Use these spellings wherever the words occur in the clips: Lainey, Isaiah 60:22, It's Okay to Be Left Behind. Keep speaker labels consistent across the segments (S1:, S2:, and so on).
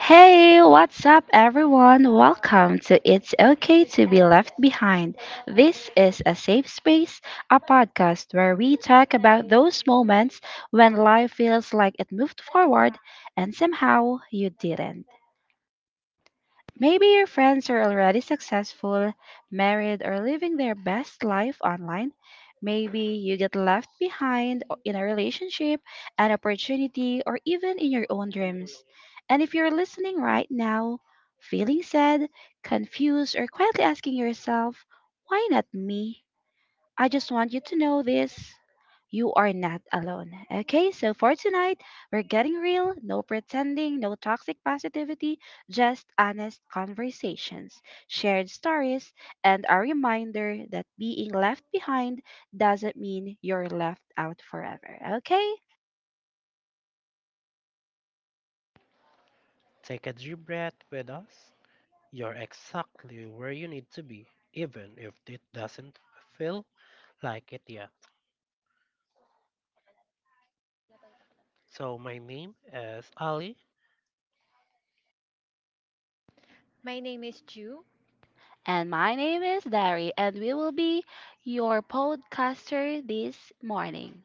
S1: Hey, what's up, everyone? Welcome to It's Okay to Be Left Behind. This is a safe space, a podcast where we talk about those moments when life feels like it moved forward and somehow you didn't. Maybe your friends are already successful, married, or living their best life online. Maybe you get left behind in a relationship, an opportunity, or even in your own dreams. And if you're listening right now, feeling sad, confused, or quietly asking yourself, why not me? I just want you to know this. You are not alone. Okay, so for tonight, we're getting real, no pretending, no toxic positivity, just honest conversations, shared stories, and a reminder that being left behind doesn't mean you're left out forever. Okay?
S2: Take a deep breath with us. You're exactly where you need to be, even if it doesn't feel like it yet. So, my name is Ali.
S3: My name is Ju.
S1: And my name is Dari, and we will be your podcaster this morning.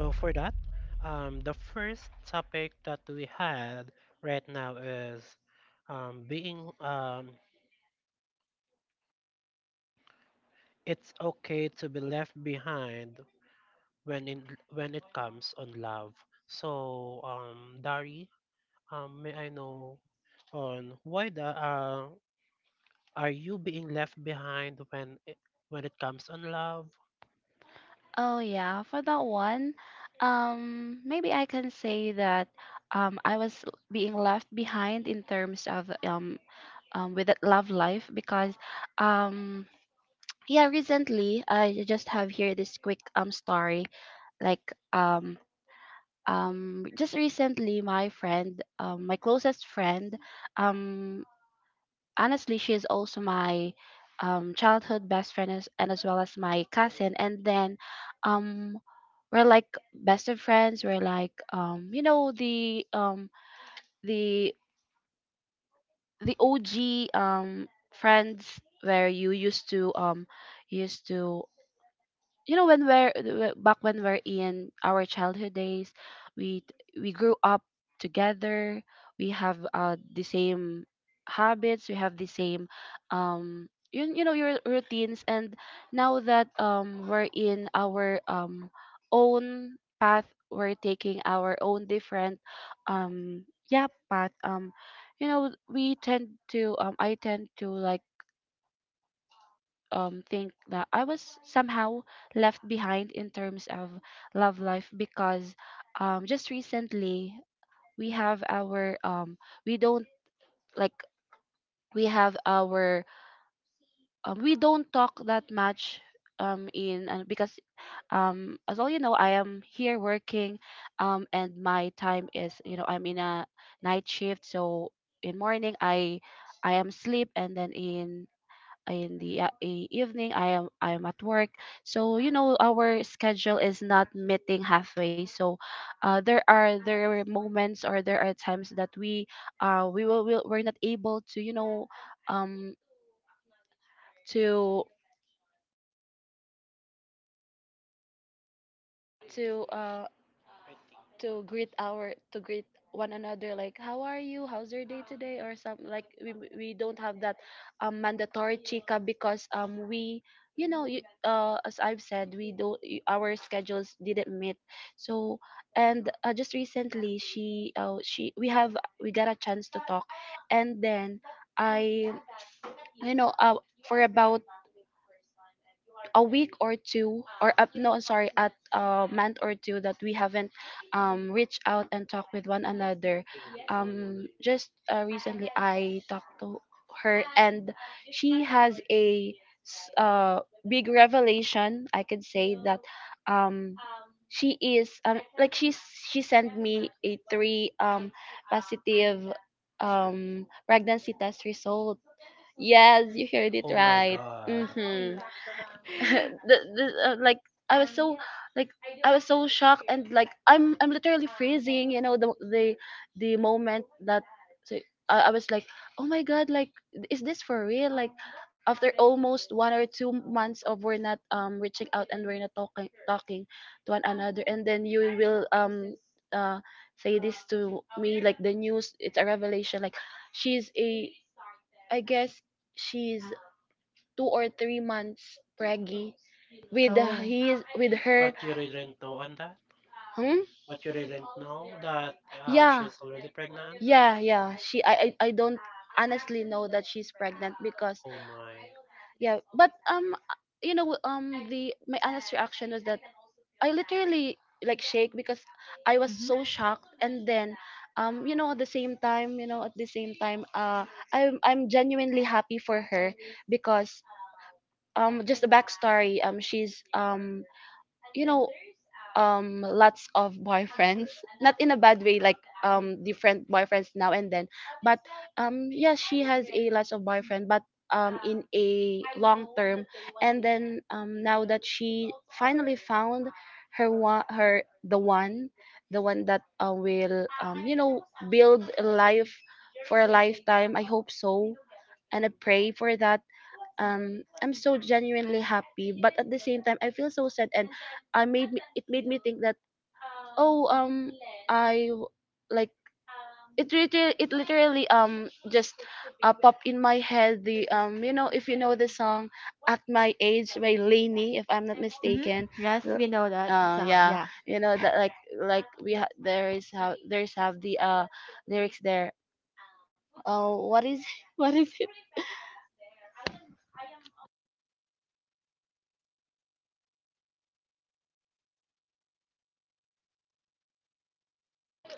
S2: So, for that, the first topic that we had right now is being it's okay to be left behind when in when it comes on love. So, Dari, may I know on why the are you being left behind when it comes on love?
S1: Oh yeah, for that one, maybe I can say that I was being left behind in terms of with that love life, because um, yeah, recently I just have here this quick story, like, um just recently my friend, my closest friend, um honestly, she is also my childhood best friend, and as well as my cousin. And then, um, we're like best of friends. We're like, you know, the the the OG friends where you used to, used to you know, when we're, back when we're in our childhood days, we we grew up together. We have the same habits, we have the same, you, you know, your routines. And now that, we're in our own path, we're taking our own different, um yeah path. You know, we tend to, I tend to like, think that I was somehow left behind in terms of love life. Because, just recently we have our, we don't, like, we have our, we don't talk that much, in and because, as all you know, I am here working, and my time is, you know, I'm in a night shift. So in morning, I am sleep, and then in the evening, I am at work. So you know our schedule is not meeting halfway. So, there are, moments, or there are times that we, we will we're not able to, you know, um to to uh to greet, our to greet one another, like, how are you, how's your day today, or something, like, we don't have that mandatory chica. Because, we, you know, you, as I've said, we don't our schedules didn't meet. So, and just recently she, we have, we got a chance to talk. And then, I you know, for about a week or two, or up no sorry at a month or two, that we haven't reached out and talked with one another. Just, recently I talked to her, and she has a s- uh big revelation, I could say. That, um she is, like, she's, she sent me a three positive pregnancy test result. Yes, you heard it
S2: Oh my
S1: right.
S2: God.
S1: Mhm. the, the, like, I was so, like, I was so shocked. And like, I'm literally freezing, you know, the, the moment that, so, I was like, oh my god, like, is this for real? Like, after almost 1 or 2 months of we're not reaching out and we're not talking to one another, and then you will, uh say this to me like the news, it's a revelation. Like, she's a, I guess she's 2 or 3 months preggy with
S3: Oh.
S1: his with her.
S2: But you didn't know on that?
S1: Hmm?
S2: But you didn't know that she's already pregnant?
S1: Yeah, yeah, she, I don't honestly know that she's pregnant, because.
S2: Oh my.
S1: Yeah, but you know, the my honest reaction was that I literally like shake, because I was so
S3: Mm-hmm.
S1: shocked. And then, you know, at the same time, I'm genuinely happy for her, because, just a backstory, she's, you know, lots of boyfriends, not in a bad way, like, different boyfriends now and then. But yes, she has a lots of boyfriend, but in a long term. And then, now that she finally found her one, her, the one, the one that, will, you know, build a life for a lifetime, I hope so, and I pray for that. I'm so genuinely happy, but at the same time I feel so sad. And it made me think that, oh, I w- like, it. Literally, it literally just, popped in my head. The, you know, if you know the song "At My Age" by Lainey, if I'm not mistaken.
S3: Mm-hmm. Yes,
S1: L-
S3: we know that song.
S1: Yeah,
S3: Yeah.
S1: you know that, like we there is, how, there's have the lyrics there. Oh, what is what is,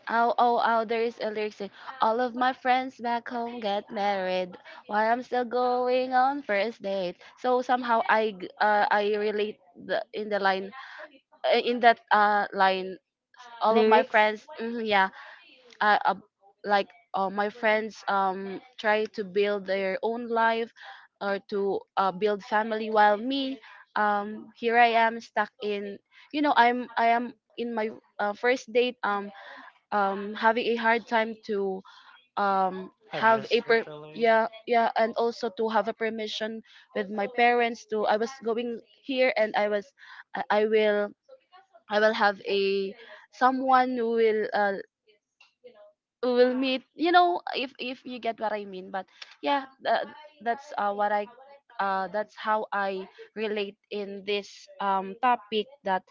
S1: oh, oh, oh, there is a lyric saying, all of my friends back home get married while I'm still going on first date. So somehow I, I relate the, in the line, in that line, all of my
S3: Lyrics.
S1: friends, mhm, yeah, uh, uh, like, my friends, try to build their own life, or to, build family, while me, here I am stuck in, you know, I'm, I am in my, first date, having a hard time to,
S2: I
S1: have,
S2: just your
S1: per-
S2: feeling.
S1: yeah, yeah, and also to have a permission with my parents to, I was going here and I was, I will, I will have a someone who will, we'll meet, you know, if you get what I mean. But yeah, that's, what I that's how I relate in this topic, that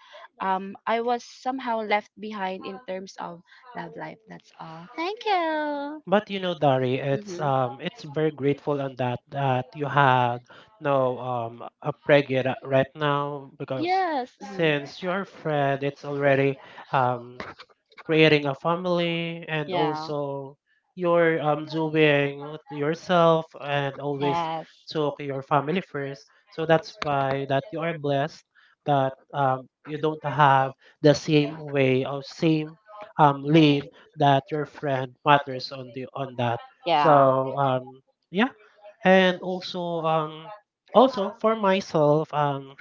S1: I was somehow left behind in terms of love life. That's all, thank you.
S2: But you know, Dari, it's very grateful on that that you had no a pregnant right now because
S1: Yes,
S2: since your friend, it's already um creating a family, and also you're doing yourself and always took your family first, so that's why that you are blessed that you don't have the same way or same lane that your friend matters on the on that.
S1: yes.
S2: So, yeah, and also also for myself,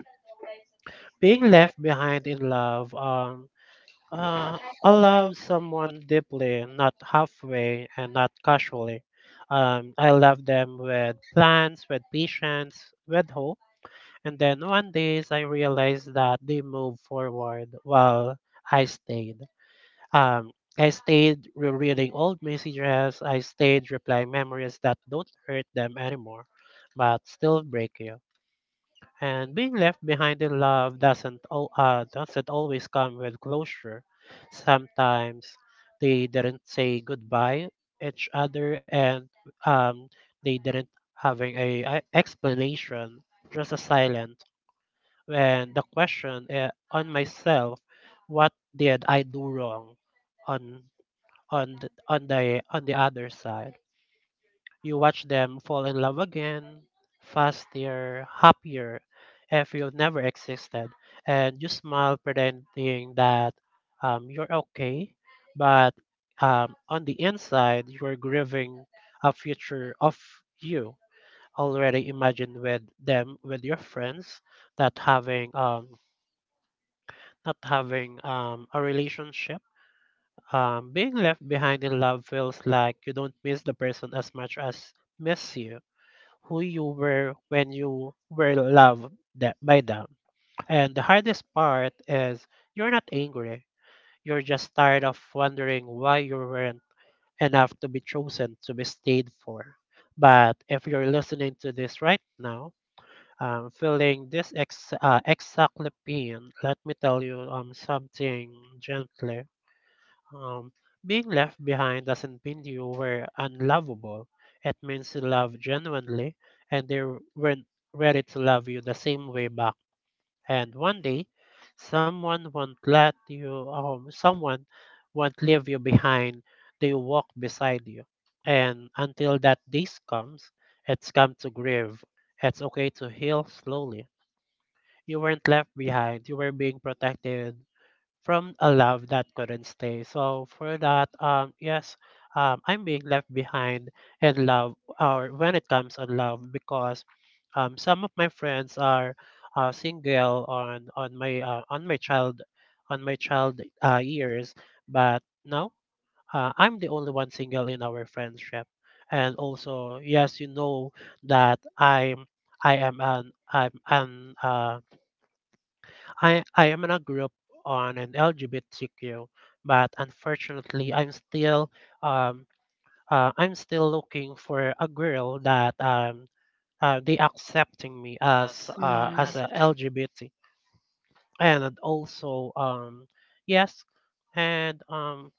S2: being left behind in love, uh, I love someone deeply, not halfway and not casually. I love them with plans, with patience, with hope. And then one day I realized that they moved forward while I stayed. Um, I stayed rereading old messages. I stayed replying memories that don't hurt them anymore, but still break you. And being left behind in love doesn't always come with closure. Sometimes they didn't say goodbye each other, and um, they didn't having a explanation, just a silent. And the question on myself, what did I do wrong on on the other side? You watch them fall in love again, faster, happier, if you never existed, and you smile pretending that you're okay, but on the inside, you're grieving a future of you already imagined with them, with your friends that having not having a relationship. Being left behind in love feels like you don't miss the person as much as miss you who you were when you were loved that by them. And the hardest part is you're not angry. You're just tired of wondering why you weren't enough to be chosen, to be stayed for. But if you're listening to this right now, feeling this exactly pain, let me tell you something gently. Um, Being left behind doesn't mean you were unlovable. It means you loved genuinely and they weren't ready to love you the same way back. And one day, someone won't let you, someone won't leave you behind. They walk beside you. And until that day comes, it's come to grieve. It's okay to heal slowly. You weren't left behind. You were being protected from a love that couldn't stay. So for that, yes, I'm being left behind in love, or when it comes on love, because some of my friends are single on my child years, but now I'm the only one single in our friendship. And also, yes, you know that I'm I am an I'm an I am in a group on an LGBTQ, but unfortunately, um I'm still looking for a girl that they accepting me as a LGBT, and also yes, and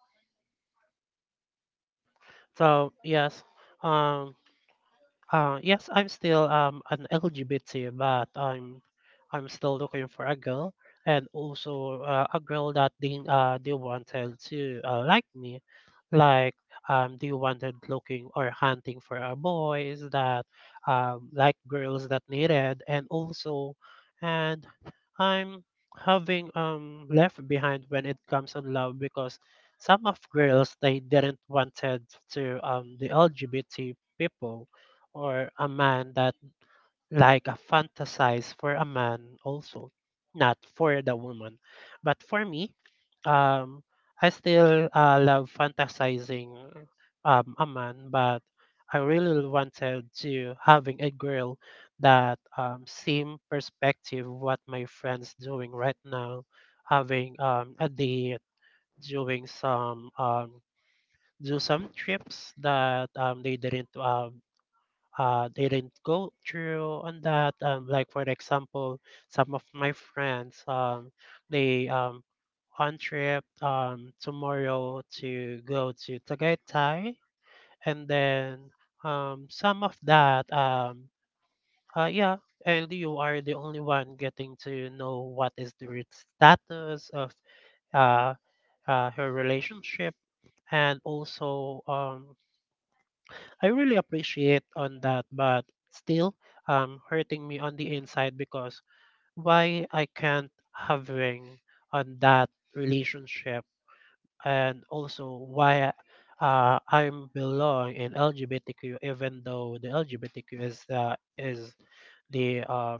S2: so yes um. Yes, I'm still an LGBT, but I'm still looking for a girl, and also a girl that they wanted to like me, like they wanted looking or hunting for a boys that like girls that needed, and also and I'm having left behind when it comes on love because some of girls they didn't wanted to the LGBT people, or a man that like a fantasize for a man also, not for the woman, but for me, um I still love fantasizing a man, but I really wanted to having a girl that same perspective what my friends doing right now, having a date, doing some do some trips that they didn't go through on that. Like for example, some of my friends, they on trip tomorrow to go to Tagaytay, and then some of that, yeah, and you are the only one getting to know what is status of uh, her relationship, and also I really appreciate on that, but still hurting me on the inside because why I can't having on that relationship, and also why I'm belong in LGBTQ, even though the LGBTQ is the is the uh,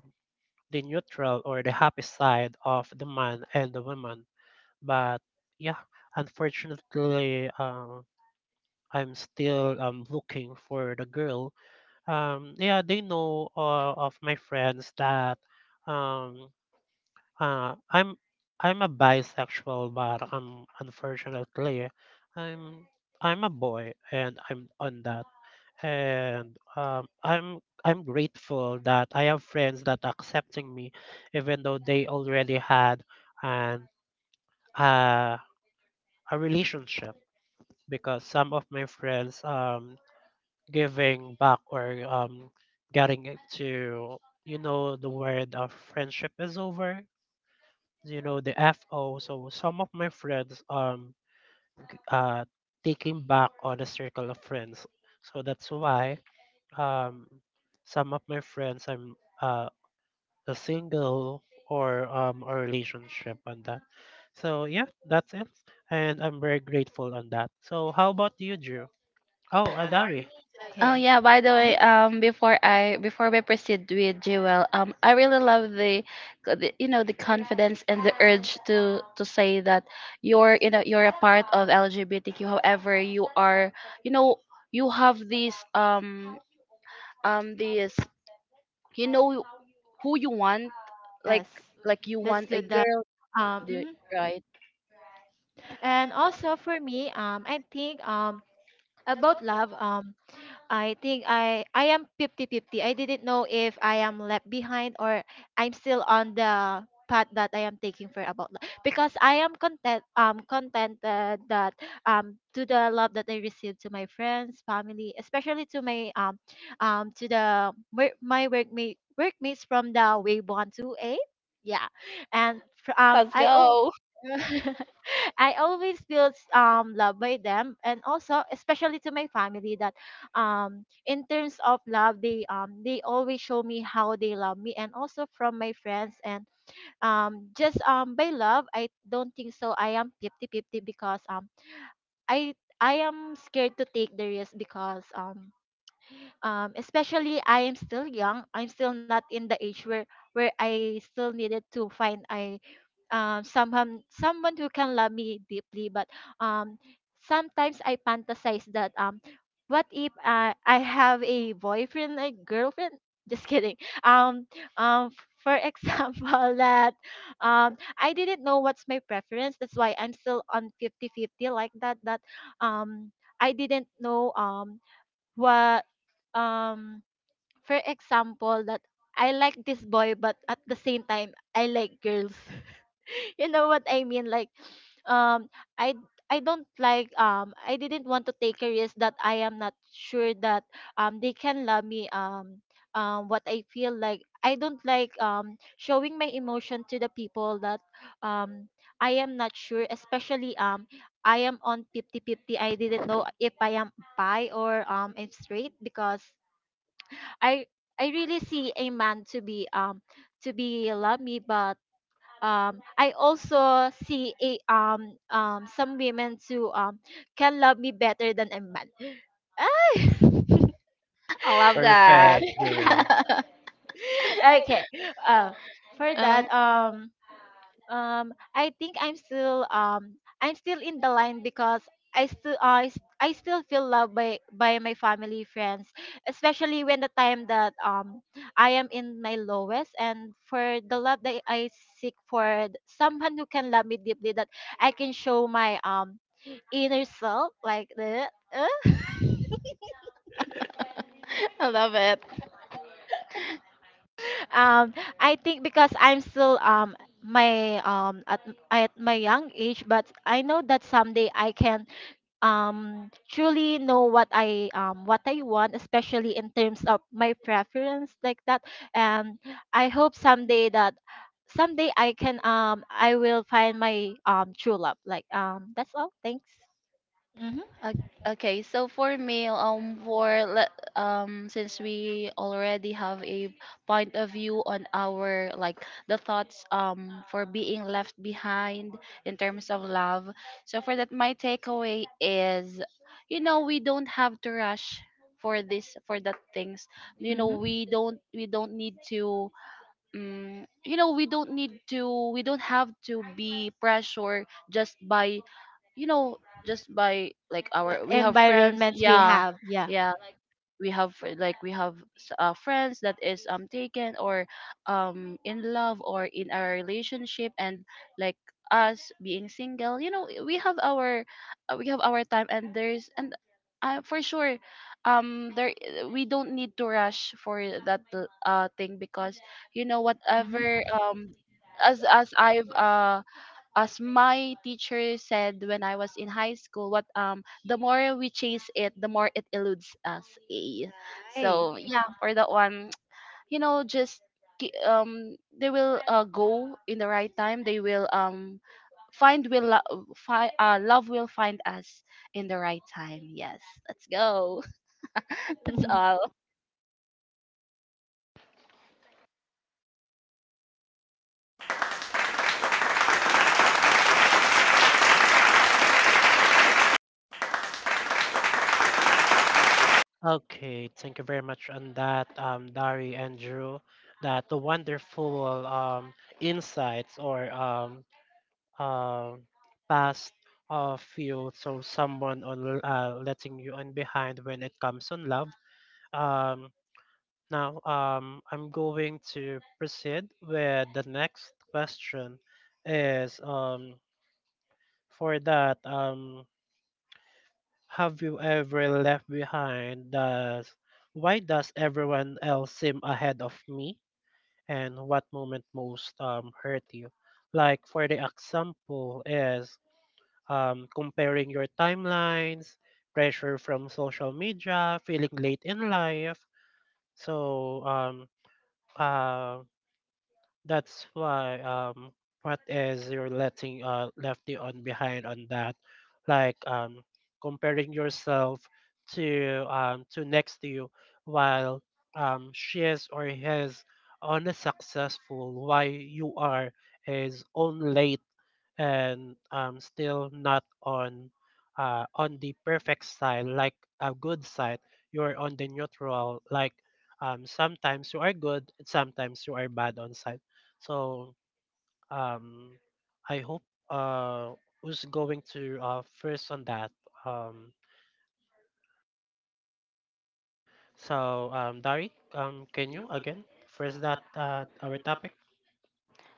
S2: the neutral or the happy side of the man and the woman. But yeah, unfortunately, I'm still looking for the girl. Yeah, they know, of my friends, that um uh i'm I'm a bisexual, but unfortunately, i'm I'm a boy and I'm on that. And I'm grateful that I have friends that are accepting me, even though they already had an uh, a relationship, because some of my friends giving back or getting it to, you know, the word of friendship is over, you know, the fo so some of my friends uh taking back on a circle of friends, so that's why um some of my friends I'm uh a single or a relationship on that. So yeah, that's it, and I'm very grateful on that. So how about you, Drew? Oh, adari
S1: Oh
S3: Okay.
S1: yeah, by the way,
S3: Hmm.
S1: before I, before we proceed with Jewel, I really love the, the, you know, the confidence and the urge to say that you're, you know, you're a part of LGBTQ. However, you are, you know, you have these, these, you know, who you want, like
S3: Yes.
S1: like you
S3: That's
S1: want a
S3: good. That
S1: girl, do-
S3: Mhm.
S1: right?
S3: And also for me, I think about love. I think I am 50/50. I didn't know if I am left behind or I'm still on the path that I am taking for about love, because I am content contented that to the love that I received to my friends, family, especially to my to the work my workmates from the wave one to eight. Yeah. And
S1: Let's
S3: I oh.
S1: go.
S3: I always feel loved by them, and also especially to my family that in terms of love they always show me how they love me, and also from my friends and just by love I don't think so I am 50/50 because i I am scared to take the risk because especially I am still young. I'm still not in the age where I still needed to find a someone who can love me deeply. But um, sometimes I fantasize that, what if, I have a boyfriend, a girlfriend? Just kidding. Um, um, for example, that, I didn't know what's my preference. That's why I'm still on 50/50 like that. That, um, I didn't know. What um for example that I like this boy but at the same time I like girls, you know what I mean? Um, I I don't like, I didn't want to take a risk that I am not sure that they can love me what I feel like. I don't like showing my emotion to the people that um I am not sure, especially I am on 50/50. I didn't know if I am bi or I'm straight because I I really see a man to be, to be love me, but I also see a some women who can love me better than a man. Ay!
S1: I love
S2: perfect, Drew.
S1: that.
S3: Okay. uh for that, I think I'm still, I'm still in the line because I still, I still feel loved by my family, friends, especially when the time that I am in my lowest, and for the love that I seek for, someone who can love me deeply that I can show my inner self like the,
S1: I love it.
S3: um I think because I'm still, my at my young age, but I know that someday I can truly know what I, what I want, especially in terms of my preference like that. And I hope someday that, someday I can, I will find my true love. Like, that's all. Thanks. Mhm.
S1: Okay, so for me, for since we already have a point of view on our, like, the thoughts for being left behind in terms of love. So for that, my takeaway is, you know, we don't have to rush for this, for that things. You know,
S3: Mhm.
S1: we don't, need to, you know, we don't need to, we don't have to be pressure just by, you know, just by like our, we have,
S3: Environments we have. Yeah.
S1: yeah, we have like we have friends that is taken or in love or in our relationship. And, like, us being single, you know, we have our, we have our time. And there's, and for sure, there, we don't need to rush for that thing. Because, you know, whatever,
S3: Mhm.
S1: um as I've teacher said when I was in high school, what, the more we chase it, the more it eludes us.
S3: Hey.
S1: So yeah, for that one, you know, just, they will, go in the right time. They will, find will lo- fi- love will find us in the right time. Yes, let's go. That's all.
S2: Okay, thank you very much on that, Dari and Drew. That the wonderful insights or um past of you, so someone on letting you on behind when it comes on love. Um, Now, I'm going to proceed with the next question. Is For that, have you ever left behind does why does everyone else seem ahead of me? And what moment most hurt you? Like for the example is comparing your timelines, pressure from social media, feeling late in life. So um that's why what is you're letting lefty on behind on that, like comparing yourself to next to you, while she is or he is on a successful while you are is on late, and still not on the perfect side, like a good side, you're on the neutral, like sometimes you are good sometimes you are bad on side. So, um, I hope uh, who's going to first on that. Um, so, Dari, can you again first that our topic?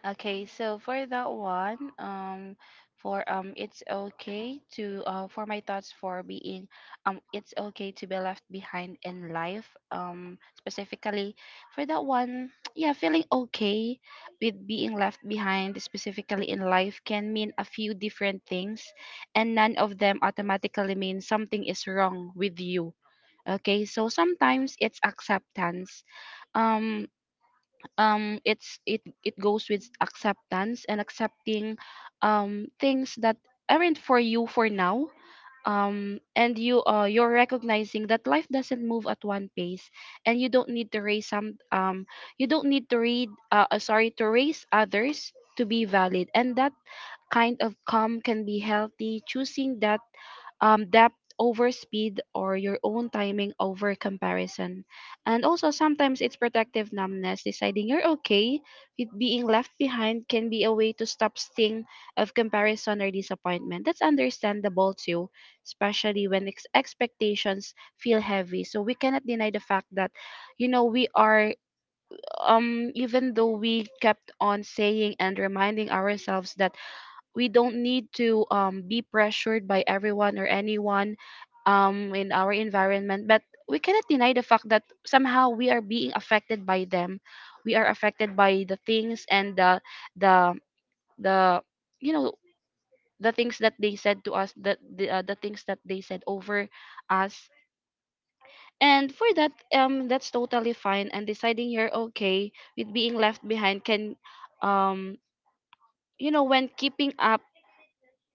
S1: Okay, so for that one, for it's okay to, for my thoughts for being, it's okay to be left behind in life. Specifically for that one, yeah, feeling okay with being left behind, specifically in life, can mean a few different things, and none of them automatically mean something is wrong with you. Okay, so sometimes it's acceptance. Um, it's, it goes with acceptance, and accepting things that aren't for you for now. And you, you're recognizing that life doesn't move at one pace, and you don't need to raise some, you don't need to read, sorry, to raise others to be valid. And that kind of calm can be healthy, choosing that, depth over speed, or your own timing over comparison. And also, sometimes it's protective numbness. Deciding you're okay with being left behind can be a way to stop sting of comparison or disappointment. That's understandable too, especially when expectations feel heavy. So we cannot deny the fact that, we are, even though we kept on saying and reminding ourselves that we don't need to be pressured by everyone or anyone in our environment, but we cannot deny the fact that somehow we are being affected by them. We are affected by the things, and the the you know the things that they said to us, the things that they said over us. And for that, that's totally fine. And deciding you're okay with being left behind can, um when keeping up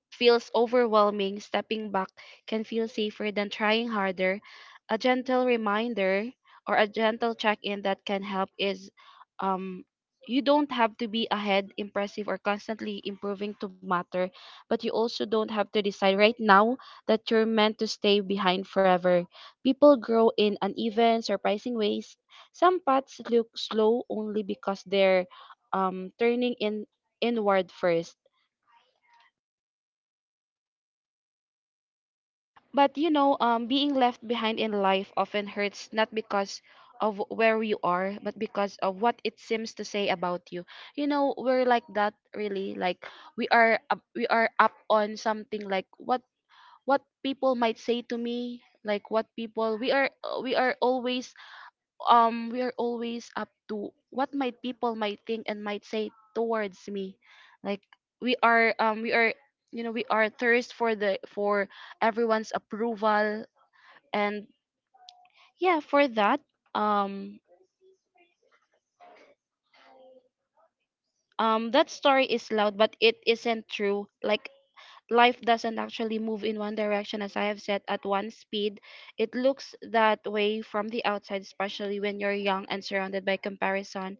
S1: feels overwhelming, stepping back can feel safer than trying harder. A gentle reminder or a gentle check in that can help is, um, you don't have to be ahead, impressive, or constantly improving to matter, but you also don't have to decide right now that you're meant to stay behind forever. People grow in uneven, surprising ways. Some paths look slow only because they're, turning in inward first. But being left behind in life often hurts, not because of where you are, but because of what it seems to say about you. We're like that, really. Like we are up on something, like what people might say to me, like what people, we are always up to what my people might think and might say towards me. Like we are you know we are thirst for everyone's approval. And yeah, for that, um that story is loud, but it isn't true. Like life doesn't actually move in one direction, as I have said, at one speed. It looks that way from the outside, especially when you're young and surrounded by comparison,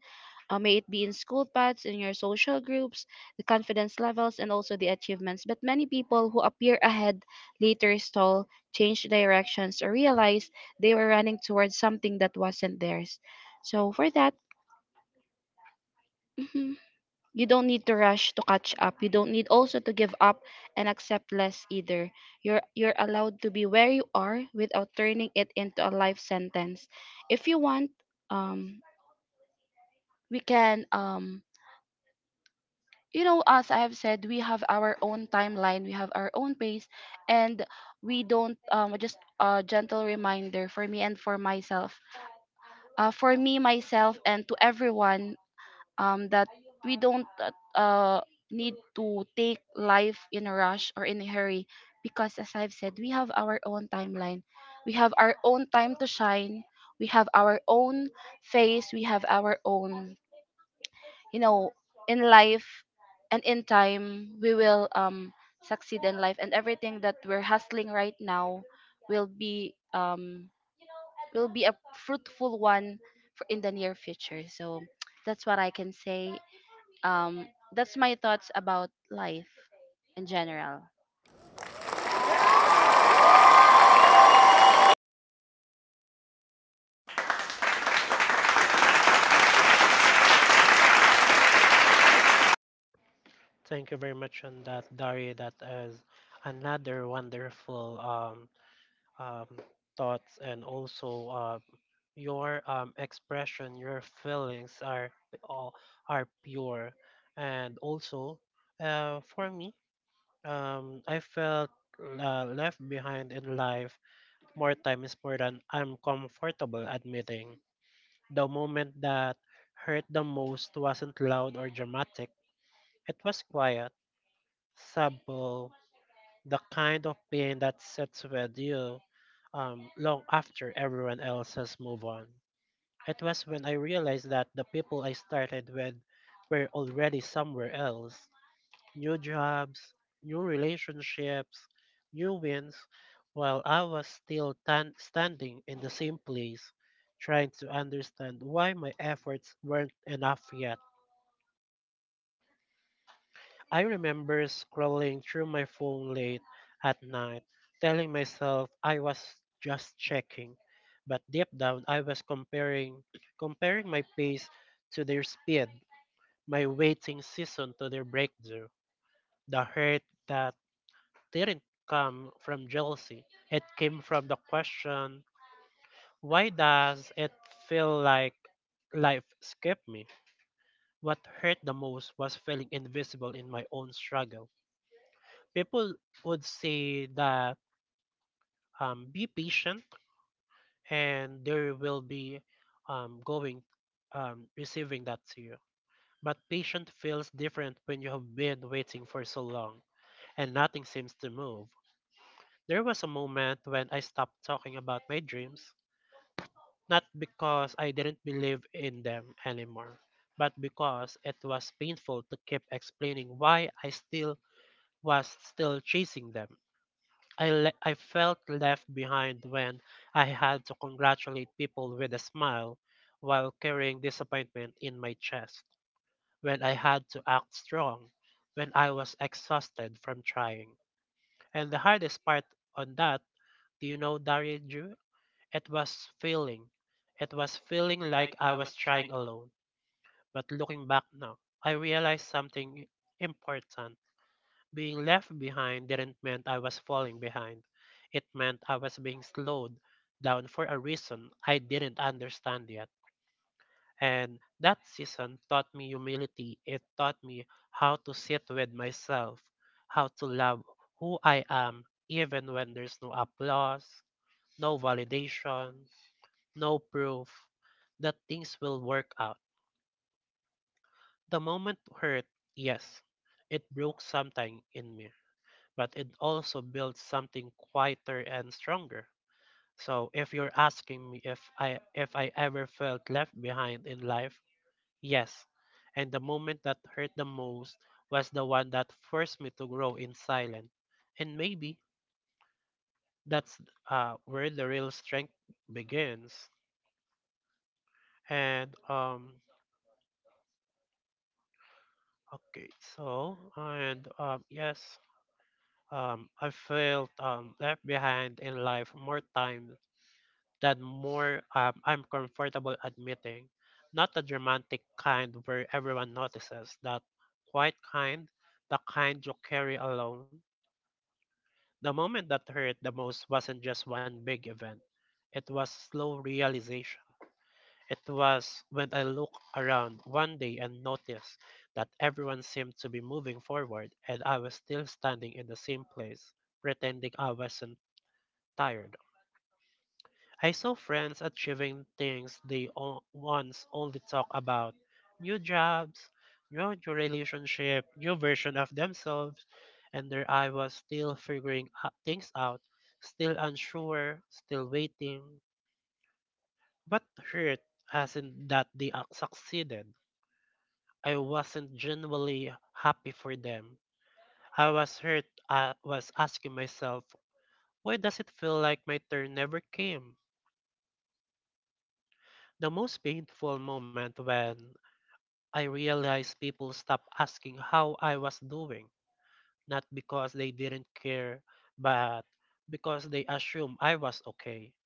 S1: may it be in school paths, in your social groups, the confidence levels, and also the achievements. But many people who appear ahead later stall, change directions, or realize they were running towards something that wasn't theirs. So for that, mhm, you don't need to rush to catch up. You don't need also to give up and accept less either. You're allowed to be where you are without turning it into a life sentence. If you want, um, we can, as I have said, we have our own timeline, we have our own pace, and we don't. Just a gentle reminder for me and for myself, for me myself and to everyone, that we don't, uh, uh, need to take life in a rush or in a hurry, because as I've said, we have our own timeline, we have our own time to shine, we have our own face, we have our own, you know in life, and in time we will, succeed in life, and everything that we're hustling right now will be um will be a fruitful one for in the near future. So that's what I can say. Um that's my thoughts about life in general.
S2: Thank you very much on that, Dari. That is another wonderful um, thoughts, and also your expression, your feelings are all are pure, and also for me. I felt left behind in life more times more than I'm comfortable admitting. The moment that hurt the most wasn't loud or dramatic. It was quiet, subtle, the kind of pain that sits with you long after everyone else has moved on. It was when I realized that the people I started with were already somewhere else. New jobs, new relationships, new wins, while I was still standing in the same place, trying to understand why my efforts weren't enough yet. I remember scrolling through my phone late at night, telling myself I was just checking, but deep down I was comparing my pace to their speed, my waiting season to their breakthrough. The hurt that didn't come from jealousy. It came from the question, why does it feel like life skipped me? What hurt the most was feeling invisible in my own struggle. People would say that be patient and there will be going receiving that to you. But patient feels different when you have been waiting for so long and nothing seems to move. There was a moment when I stopped talking about my dreams, not because I didn't believe in them anymore, but because it was painful to keep explaining why I still was still chasing them. I felt left behind when I had to congratulate people with a smile while carrying disappointment in my chest, when I had to act strong, when I was exhausted from trying. And the hardest part on that, do you know, Dario, it was feeling. It was feeling like I was trying alone. But looking back now, I realized something important. Being left behind didn't mean I was falling behind. It meant I was being slowed down for a reason I didn't understand yet. And that season taught me humility. It taught me how to sit with myself, how to love who I am, even when there's no applause, no validation, no proof that things will work out. The moment hurt, yes, it broke something in me, but it also built something quieter and stronger. So if you're asking me if I ever felt left behind in life, yes. And the moment that hurt the most was the one that forced me to grow in silence. And maybe that's where the real strength begins. And Okay, so and yes, I felt left behind in life more time than more I'm comfortable admitting. Not the dramatic kind where everyone notices, that quiet kind, the kind you carry alone. The moment that hurt the most wasn't just one big event; it was slow realization. It was when I looked around one day and noticed that everyone seemed to be moving forward and I was still standing in the same place, pretending I wasn't tired. I saw friends achieving things once only talk about: new jobs, new relationship, new version of themselves, and there I was still figuring things out, still unsure, still waiting. What hurt hasn't that they succeeded. I wasn't genuinely happy for them. I was hurt. I was asking myself, why does it feel like my turn never came? The most painful moment when I realized people stopped asking how I was doing, not because they didn't care, but because they assumed I was okay,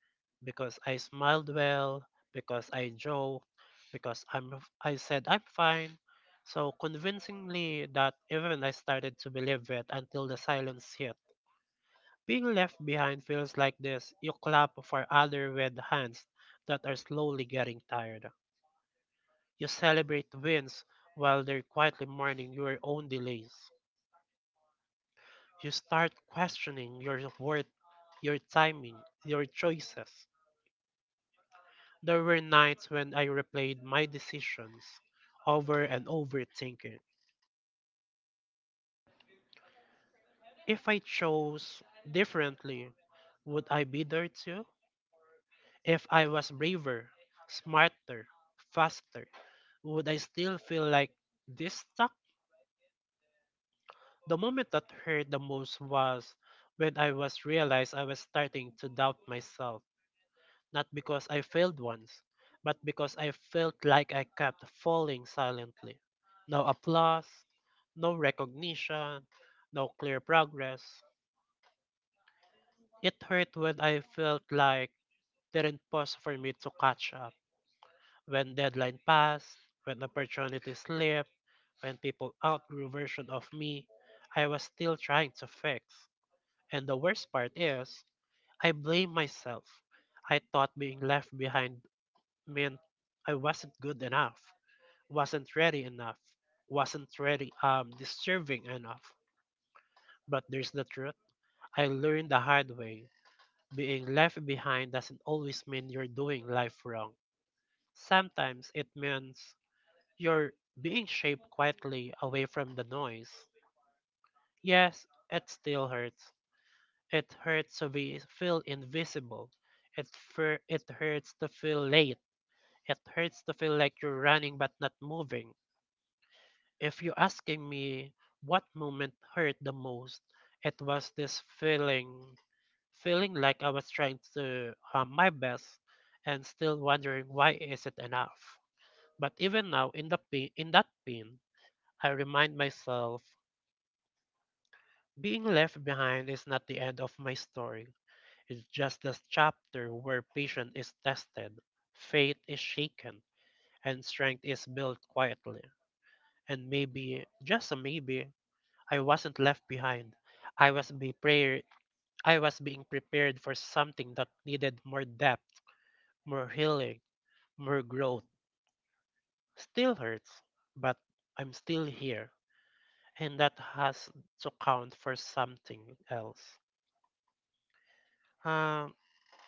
S2: because I smiled well, because I joked, because I said I'm fine. So convincingly that even I started to believe it until the silence hit. Being left behind feels like this. You clap for other with hands that are slowly getting tired. You celebrate wins while they're quietly mourning your own delays. You start questioning your worth, your timing, your choices. There were nights when I replayed my decisions over and over thinking. If I chose differently, would I be there too? If I was braver, smarter, faster, would I still feel like this stuck? The moment that hurt the most was when I was realized I was starting to doubt myself, not because I failed once, but because I felt like I kept falling silently. No applause, no recognition, no clear progress. It hurt when I felt like didn't pause for me to catch up. When deadline passed, when opportunity slipped, when people outgrew version of me, I was still trying to fix. And the worst part is, I blame myself. I thought being left behind meant I wasn't good enough, wasn't ready deserving enough. But there's the truth. I learned the hard way. Being left behind doesn't always mean you're doing life wrong. Sometimes it means you're being shaped quietly away from the noise. Yes, it still hurts. It hurts to be feel invisible. It hurts to feel late. It hurts to feel like you're running but not moving. If you're asking me what moment hurt the most, it was this feeling, feeling like I was trying to my best and still wondering why is it enough. But even now, in the pain, in that pain, I remind myself being left behind is not the end of my story. It's just this chapter where patience is tested, faith is shaken, and strength is built quietly. And maybe, just a maybe, I wasn't left behind. I was be prayer. I was being prepared for something that needed more depth, more healing, more growth. Still hurts, but I'm still here. And that has to count for something else. Um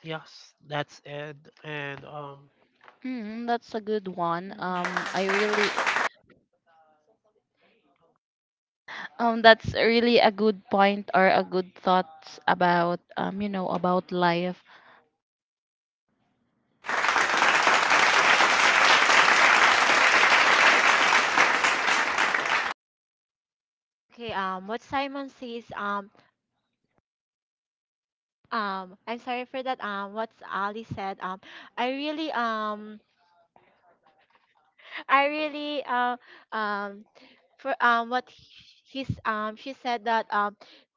S2: yes, that's it. And
S1: Mm, that's a good one.
S3: Mhm.
S1: I
S3: Yeah.
S1: really, that's really a good point or a good thoughts about, about life.
S3: Okay, what Simon says, I'm sorry for that. What Ali said, I really, um, I really um for, what he- he's she said that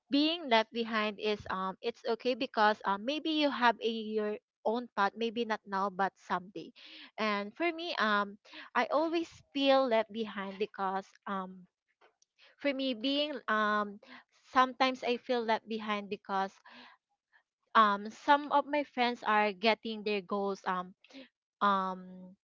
S3: being left behind is, it's okay because maybe you have a your own path, maybe not now but someday. And for me, I always feel left behind because, for me being sometimes I feel left behind because some of my friends are getting their goals. Um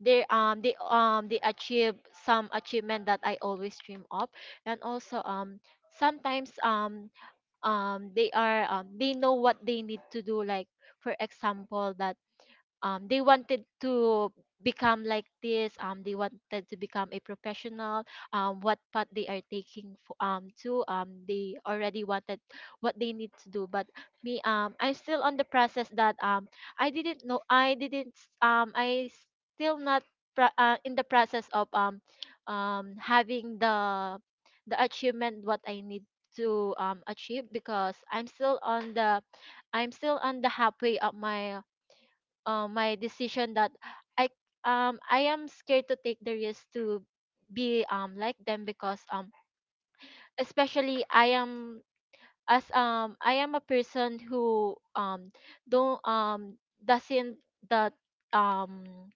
S3: they, they, they achieve some achievement that I always dream of. And also, sometimes, they are, they know what they need to do, like for example that they wanted to become like this, they wanted to become a professional, what path they are taking for, to, they already wanted what they need to do. But me, I'm still on the process that, I didn't know. I didn't s- I still not, in the process of having the achievement what I need to achieve because I'm still on the, halfway of my, my decision that I, I am scared to take the risk to be, like them. Because especially I am, as I am a person who don't doesn't that, um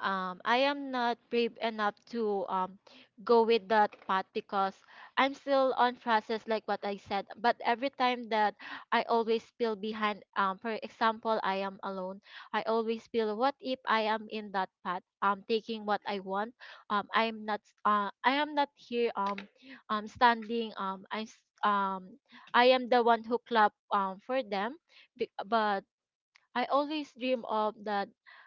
S3: I am not brave enough to, go with that path because I'm still on process, like what I said. But every time that I always feel behind, for example, I am alone. I always feel, what if I am in that path? Taking what I want. I'm not. I am not here. Standing. I. Um, I am the one who clap, for them, but I always dream of that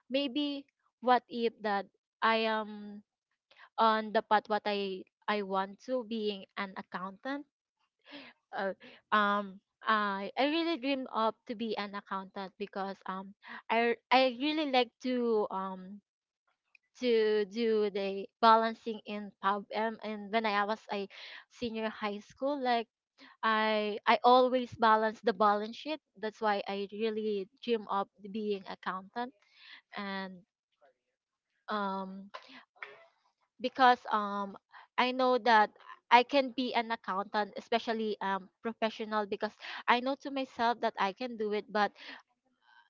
S3: maybe. What if that I am on the path what I want to being an accountant, or, I really dream of to be an accountant because, I really like to, to do the balancing in, pub and when I was a senior high school, like I always balance the balance sheet. That's why I really dream of being accountant. And, um because, I know that I can be an accountant, especially professional, because I know to myself that I can do it. But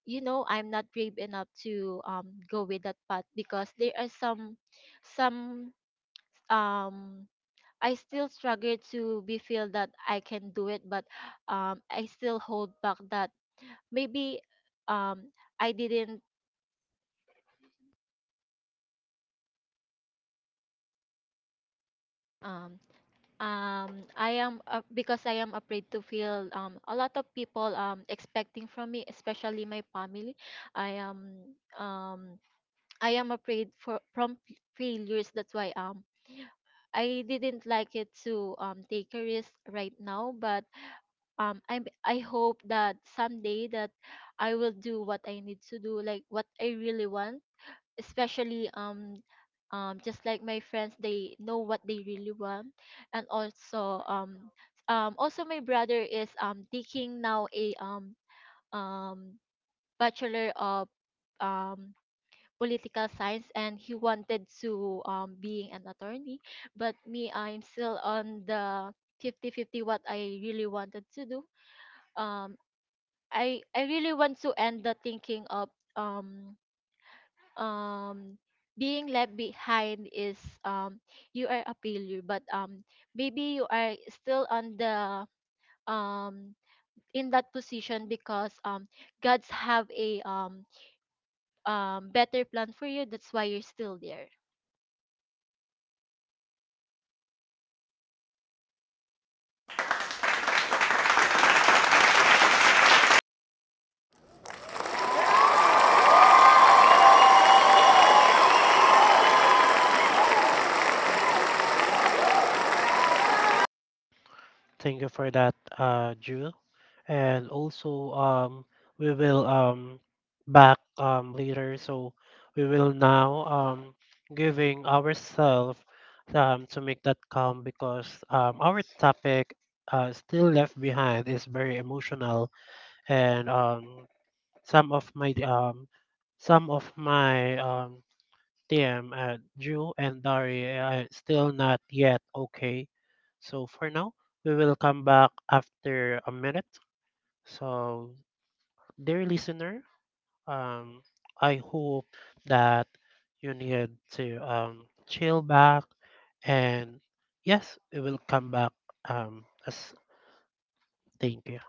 S3: you know I'm not brave enough to go with that path because there are some, some um I still struggle to be feel that I can do it, but I still hold back that maybe, um I didn't, um I am, because I am afraid to feel a lot of people expecting from me, especially my family. I am, um I am afraid for from, failures. That's why I didn't like it to take a risk right now. But, I hope that someday that I will do what I need to do like what I really want, especially, just like my friends, they know what they really want. And also, also my brother is taking now a, um bachelor of um political science, and he wanted to being an attorney. But me, I'm still on the 50/50 what I really wanted to do. um I really want to end the thinking of, um um being left behind is, um you are a failure. But maybe you are still on the, um in that position because god's have a, better plan for you. That's why you're still there.
S2: Thank you for that, Jewel. And also, we will back later. So we will now giving ourselves to make that calm because our topic still left behind is very emotional and some of my um some of my Damn, Drew and Dari are still not yet okay. So for now, we will come back after a minute. So, dear listener, um, I hope that you need to chill back and yes, we will come back. As thank you.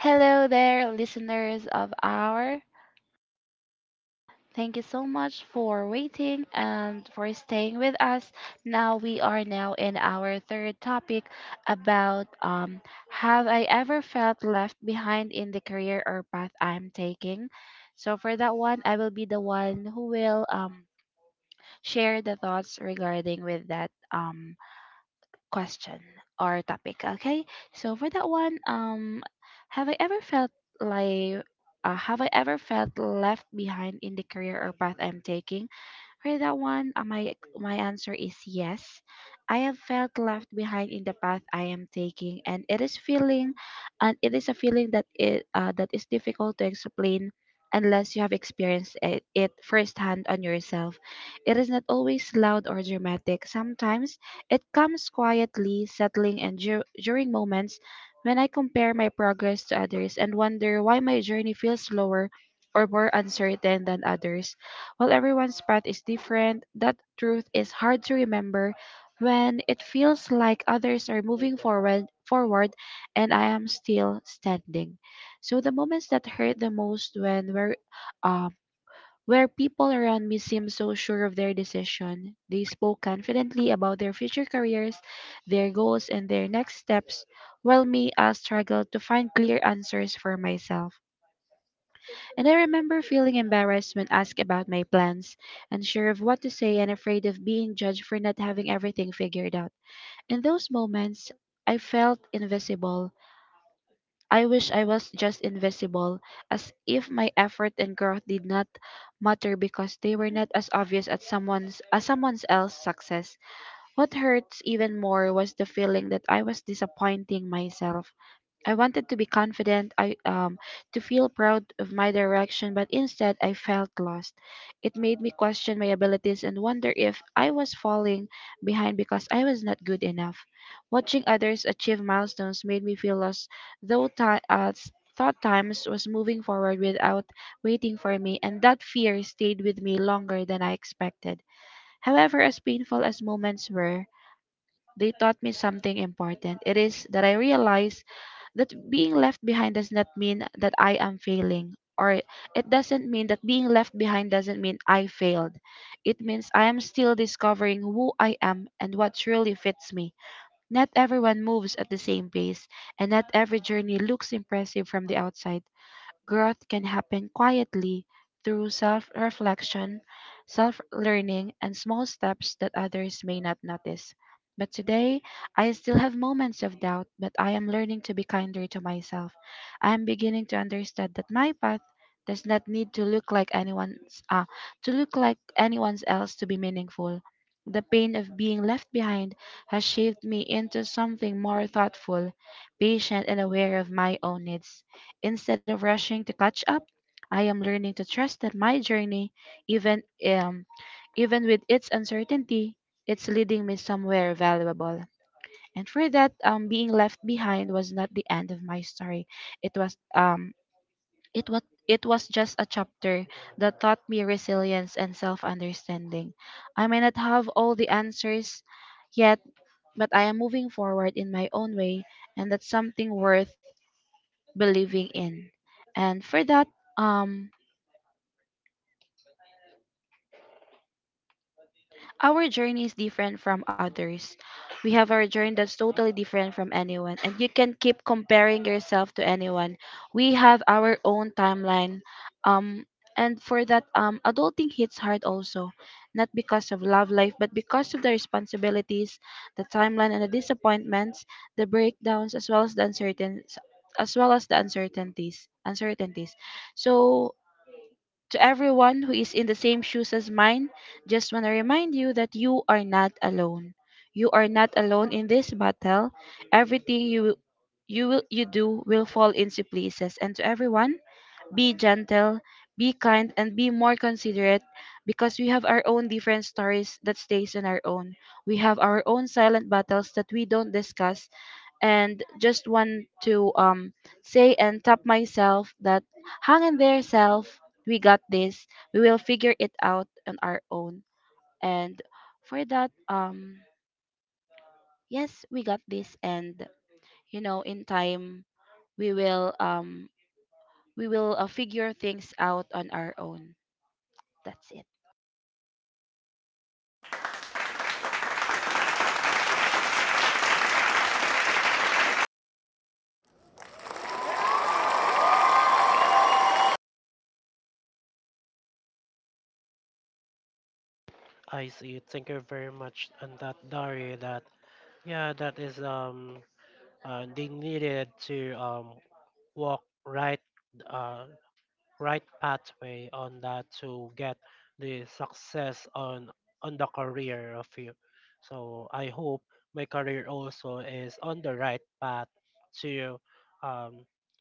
S1: Hello there, listeners of our. Thank you so much for waiting and for staying with us. Now we are now in our third topic about, have I ever felt left behind in the career or path I'm taking? So for that one, I will be the one who will, share the thoughts regarding with that, question or topic. Okay, so for that one, have I ever felt like have I ever felt left behind in the career or path I'm taking? For that one, my answer is yes. I have felt left behind in the path I am taking, and it is a feeling that is difficult to explain unless you have experienced it firsthand on yourself. It is not always loud or dramatic. Sometimes it comes quietly, settling, and during moments when I compare my progress to others and wonder why my journey feels slower or more uncertain than others. While everyone's path is different, that truth is hard to remember when it feels like others are moving forward, and I am still standing. So the moments that hurt the most, when we're um where people around me seem so sure of their decision. They spoke confidently about their future careers, their goals, and their next step, while me, I struggled to find clear answers for myself. And I remember feeling embarrassed when asked about my plans, unsure of what to say and afraid of being judged for not having everything figured out. In those moments, I felt invisible. I wish I was just invisible, as if my effort and growth did not matter because they were not as obvious as someone else's success. What hurts even more was the feeling that I was disappointing myself. I wanted to be confident, I to feel proud of my direction, but instead I felt lost. It made me question my abilities and wonder if I was falling behind because I was not good enough. Watching others achieve milestones made me feel lost, though thought times was moving forward without waiting for me, and that fear stayed with me longer than I expected. However, as painful as moments were, they taught me something important. It is that I realize that being left behind does not mean that I am failing, or it doesn't mean, that being left behind doesn't mean I failed. It means I am still discovering who I am and what truly fits me. Not everyone moves at the same pace, and not every journey looks impressive from the outside. Growth can happen quietly through self reflection, self learning, and small steps that others may not notice. But today, I still have moments of doubt, but I am learning to be kinder to myself. I am beginning to understand that my path does not need to look like anyone's else to be meaningful. The pain of being left behind has shaped me into something more thoughtful, patient, and aware of my own needs. Instead of rushing to catch up, I am learning to trust that my journey, even um, even with its uncertainty, it's leading me somewhere valuable. And for that, being left behind was not the end of my story. It was um, it was just a chapter that taught me resilience and self-understanding. I may not have all the answers yet, but I am moving forward in my own way, and that's something worth believing in. And for that, um, our journey is different from others. We have our journey that's totally different from anyone, and you can keep comparing yourself to anyone. We have our own timeline. Um, and for that, adulting hits hard also, not because of love life, but because of the responsibilities, the timeline, and the disappointments, the breakdowns, as well as the uncertain, as well as the uncertainties. So to everyone who is in the same shoes as mine, just want to remind you that you are not alone. You are not alone in this battle. Everything you do will fall into places. And to everyone, be gentle, be kind, and be more considerate, because we have our own different stories that stays on our own. We have our own silent battles that we don't discuss, and just want to say and tap myself that, hang in there self, we got this, we will figure it out on our own. And for that, yes, we got this. And you know, in time we will, figure things out on our own. That's it.
S2: I see. Thank you very much, and that Dari, that yeah, that is they needed to walk right uh right pathway on that to get the success on the career of you, so I hope my career also is on the right path to um,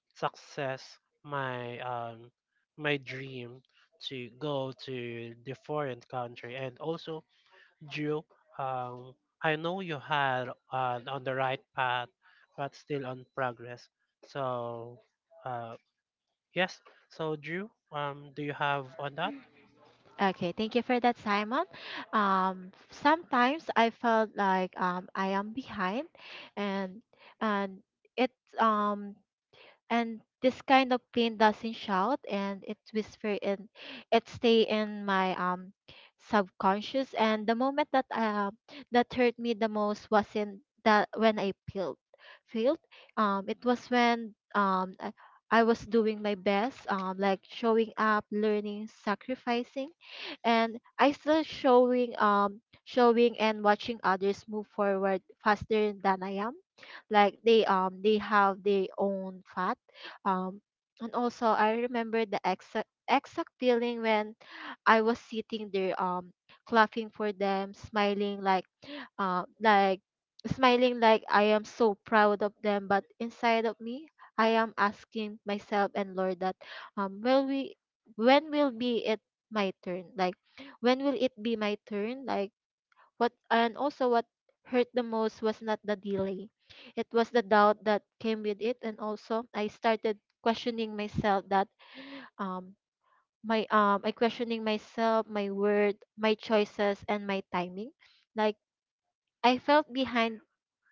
S2: success, my my dream to go to the foreign country. And also, Drew, um, I know you had on the right path but still on progress. So uh, yes. So, Drew, do you have on that?
S3: Okay, thank you for that, Simon. Sometimes I felt like I am behind, and and it um and this kind of pain doesn't shout and it whisper and it stay in my subconscious. And the moment that, that hurt me the most wasn't that when I peeled failed. It was when I was doing my best, like showing up, learning, sacrificing, and I still showing, showing and watching others move forward faster than I am, like they, they have their own path. um, and also, I remember the exact feeling when I was sitting there, clapping for them, smiling like, uh, like smiling like I am so proud of them. But inside of me, I am asking myself and Lord that, um, will we, when will be it my turn? Like, when will it be my turn? Like what. And also what hurt the most was not the delay. It was the doubt that came with it. And also I started questioning myself that, um my I questioning myself, my word, my choices, and my timing. Like I felt behind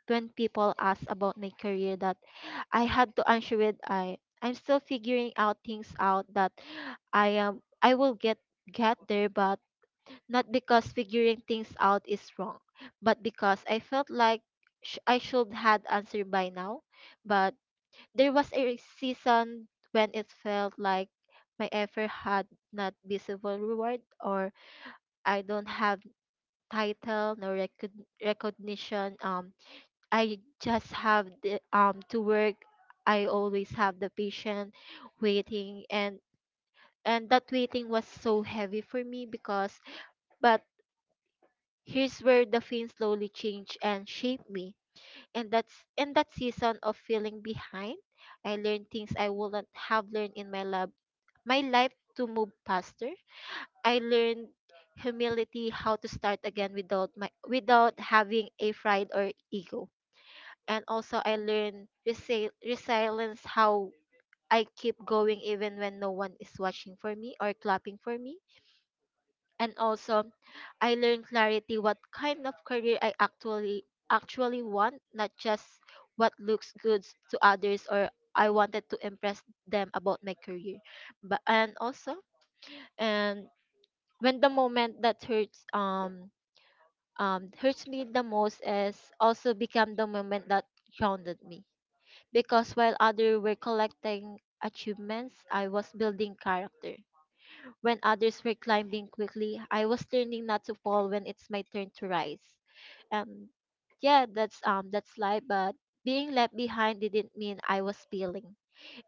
S3: when people asked about my career that I had to answer with, I I'm still figuring out things out, that I am, I will get there. But not because figuring things out is wrong, but because I felt like, I should had answered by now. But there was a season when it felt like my effort had not visible reward, or I don't have title nor, recognition. I just have the to work. I always have the patient waiting, and that waiting was so heavy for me because, but, here's where the film slowly changed and shaped me. And that's in that season of feeling behind, I learned things I wouldn't have learned in my life to move faster. I learned humility, how to start again without my without having a pride or ego. And also I learned resilience, how I keep going even when no one is watching for me or clapping for me. And also I learned clarity, what kind of career I actually want, not just what looks good to others, or I wanted to impress them about my career. But and also and When the moment that hurts me the most is also become the moment that grounded me. Because while others were collecting achievements, I was building character. When others were climbing quickly, I was learning not to fall when it's my turn to rise. And that's life, but being left behind didn't mean I was failing.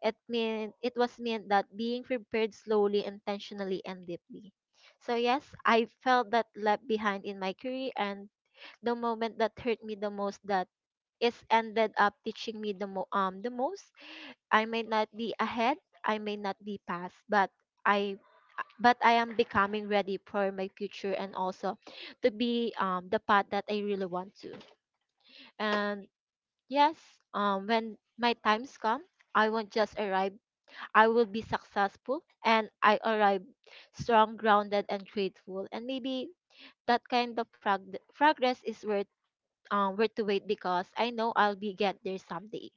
S3: It was meant that being prepared slowly, intentionally and deeply. So yes, I felt that left behind in my career, and the moment that hurt me the most that is ended up teaching me the most. I may not be ahead, I may not be past, but I I am becoming ready for my future, and also to be the path that I really want to. And yes, when my times come, I won't just arrive. I will be successful, and I arrive strong, grounded and grateful. And maybe that kind of progress is worth worth to wait, because I know I'll be get there someday.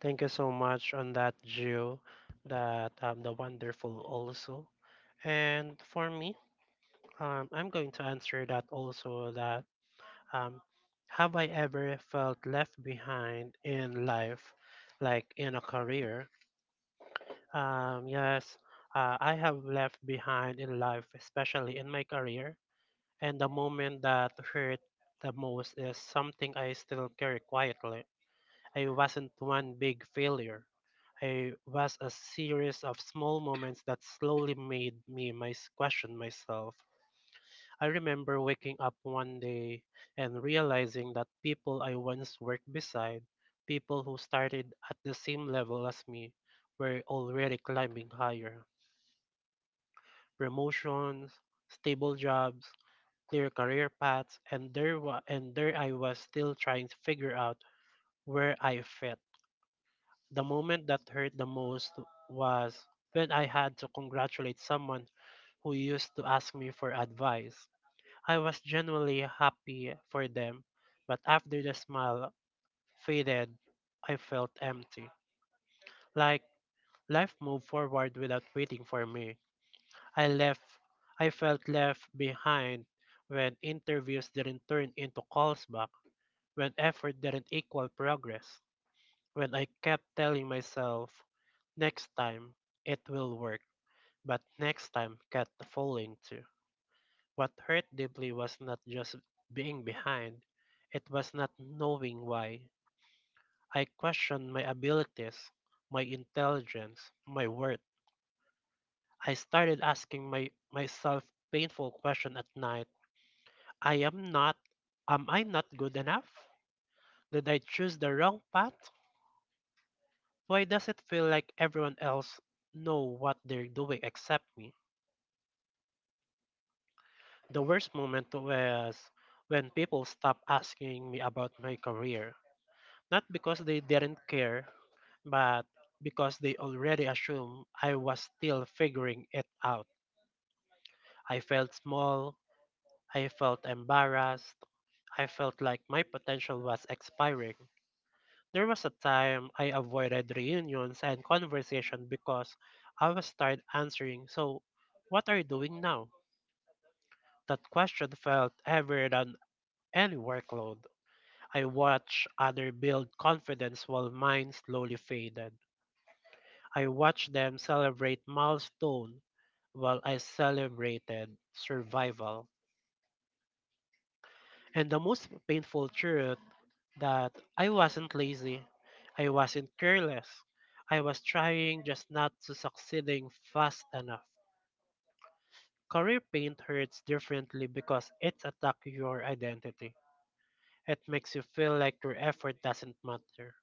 S2: Thank you so much on that, Drew. That the wonderful also. And for me, I'm going to answer that also. That um, have I ever felt left behind in life, like in a career? Yes, I have left behind in life, especially in my career. And the moment that hurt the most is something I still carry quietly. I wasn't one big failure. I was a series of small moments that slowly made me mys question myself. I remember waking up one day and realizing that people I once worked beside, people who started at the same level as me, were already climbing higher. Promotions, stable jobs, clear career paths, and there I was still trying to figure out where I fit. The moment that hurt the most was when I had to congratulate someone who used to ask me for advice. I was genuinely happy for them, but after the smile faded, I felt empty. Like life moved forward without waiting for me. I left I felt left behind when interviews didn't turn into calls back, when effort didn't equal progress, when I kept telling myself, next time it will work, but next time kept falling too. What hurt deeply was not just being behind, it was not knowing why. I questioned my abilities, my intelligence, my worth. I started asking myself painful questions at night. I am not, am I not good enough? Did I choose the wrong path? Why does it feel like everyone else know what they're doing except me? The worst moment was when people stopped asking me about my career. Not because they didn't care, but because they already assumed I was still figuring it out. I felt small, I felt embarrassed, I felt like my potential was expiring. There was a time I avoided reunions and conversation because I was tired answering, so what are you doing now? That question felt heavier than any workload. I watched others build confidence while mine slowly faded. I watched them celebrate milestone while I celebrated survival. And the most painful truth that I wasn't lazy. I wasn't careless. I was trying, just not to succeeding fast enough. Career paint hurts differently because it attacks your identity. It makes you feel like your effort doesn't matter,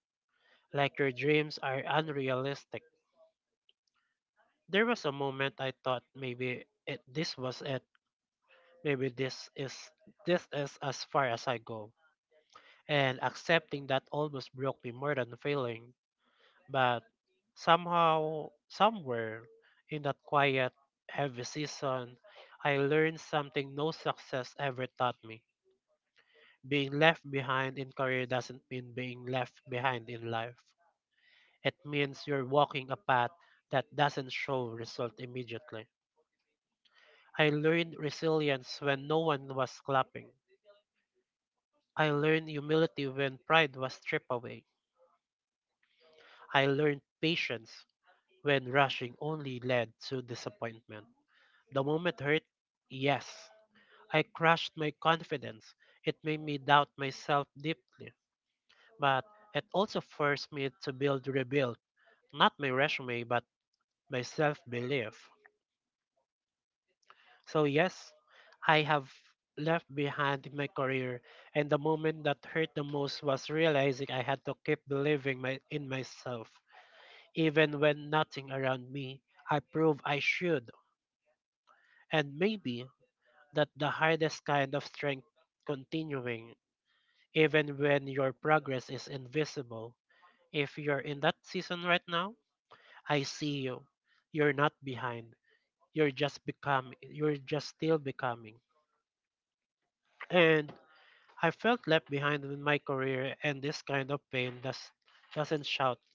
S2: like your dreams are unrealistic. There was a moment I thought this was it, maybe this is as far as I go. And accepting that almost broke me more than failing. But somehow, somewhere in that quiet, heavy season, I learned something no success ever taught me. Being left behind in career doesn't mean being left behind in life. It means you're walking a path that doesn't show result immediately. I learned resilience when no one was clapping. I learned humility when pride was stripped away. I learned patience when rushing only led to disappointment. The moment hurt? Yes. I crushed my confidence. It made me doubt myself deeply. But it also forced me to build rebuild, not my resume, but my self belief. So, yes, I have left behind my career, and the moment that hurt the most was realizing I had to keep believing in myself. Even when nothing around me, I proved I should. And maybe that the hardest kind of strength continuing even when your progress is invisible. If you're in that season right now, I see you. You're not behind. You're just becoming. You're just still becoming. And I felt left behind in my career, and this kind of doesn't shout.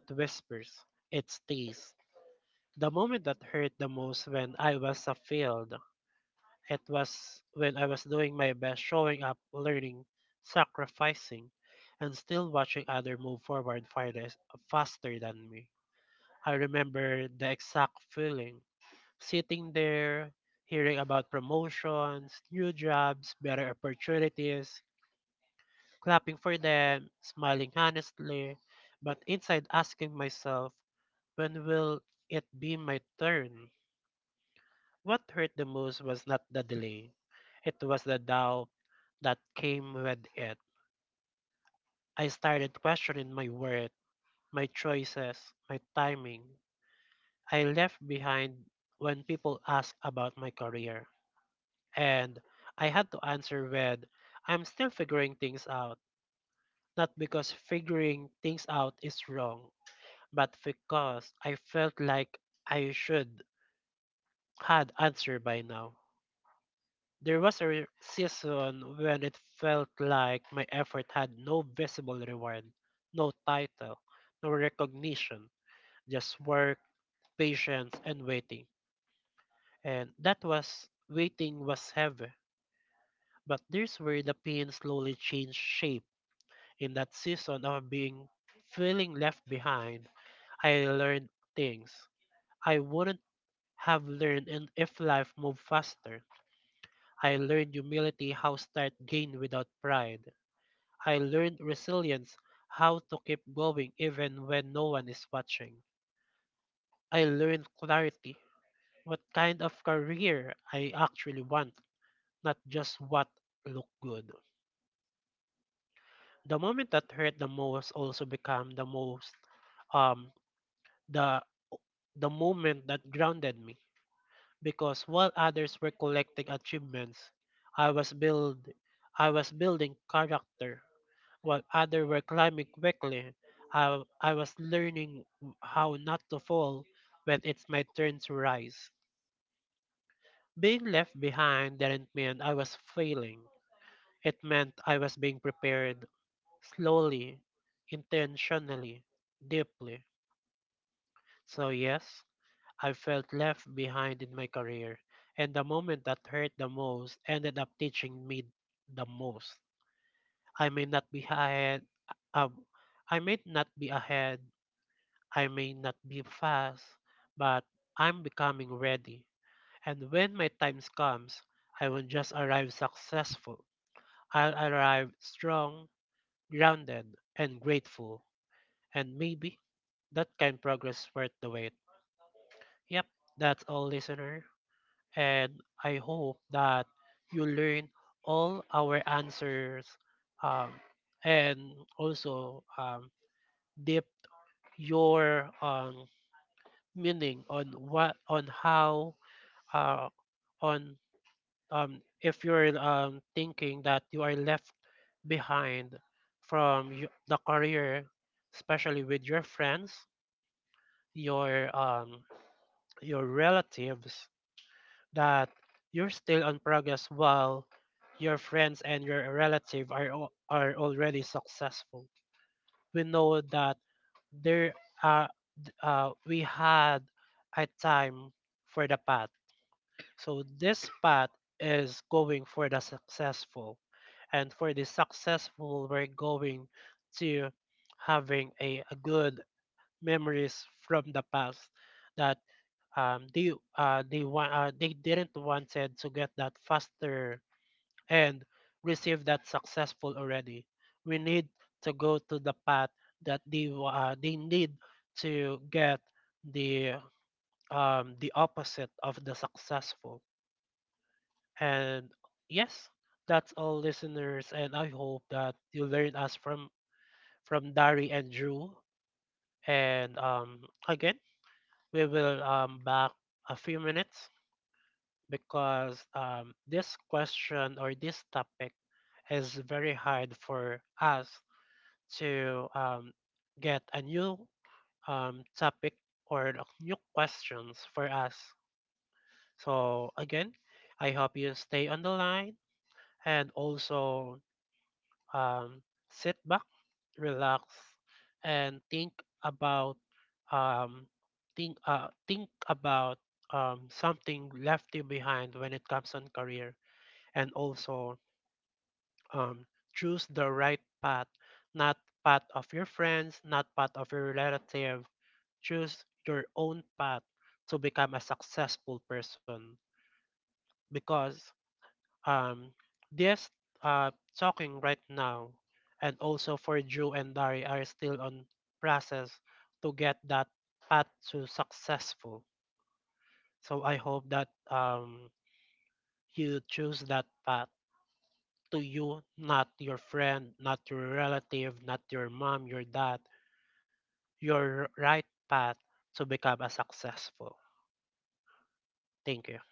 S2: It whispers. It stays. The moment that hurt the most when I was a field. It was when I was doing my best showing up, learning, sacrificing, and still watching others move forward faster than me. I remember the exact feeling sitting there, hearing about promotions, new jobs, better opportunities, clapping for them, smiling honestly, but inside asking myself, when will it be my turn? What hurt the most was not the delay. It was the doubt that came with it. I started questioning my worth, my choices, my timing. I left behind when people asked about my career. And I had to answer with, I'm still figuring things out. Not because figuring things out is wrong, but because I felt like I should had answer by now. There was a season when it felt like my effort had no visible reward, no title, no recognition, just work, patience, and waiting. And that was, waiting was heavy. But there's where the pain slowly changed shape. In that season of being, feeling left behind, I learned things I wouldn't have learned and if life moved faster. I learned humility, how start gain without pride. I learned resilience, how to keep going even when no one is watching. I learned clarity, what kind of career I actually want, not just what look good. The moment that hurt the most also become the most um the the moment that grounded me because while others were collecting achievements, I was build I was building character while others were climbing quickly. I was learning how not to fall when it's my turn to rise. Being left behind didn't mean I was failing. It meant I was being prepared slowly, intentionally, deeply. So, yes, I felt left behind in my career, and the moment that hurt the most ended up teaching me the most. I may not be ahead. Uh, I may not be ahead, I may not be fast, but I'm becoming ready. And when my time comes, I won't just arrive successful. I'll arrive strong, grounded, and grateful. And maybe that kind progress worth the wait. Yep, that's all, listener. And I hope that you learn all our answers um, and also deep your meaning on what on how uh, on if you're thinking that you are left behind from the career, especially with your friends, your um, your relatives, that you're still on progress while your friends and your relative are already successful. We know that there uh, we had a time for the past. So this path is going for the successful. And for the successful, we're going to having a good memories from the past that um, they they want they didn't wanted to get that faster and receive that successful already. We need to go to the path that they need to get the the opposite of the successful and yes, that's all listeners, and I hope that you learn us from Dari and Drew. And again, we will back a few minutes because this question or this topic is very hard for us to get a new topic or new questions for us. So again, I hope you stay on the line and also um, sit back, relax, and think about um, think about something left you behind when it comes on career, and also um, choose the right path, not path of your friends, not path of your relative. Choose your own path to become a successful person because um, this uh, talking right now, and also for Drew and Dari are still on process to get that path to successful. So I hope that you choose that path to you, not your friend, not your relative, not your mom, your dad, your right path to become a successful. Thank you.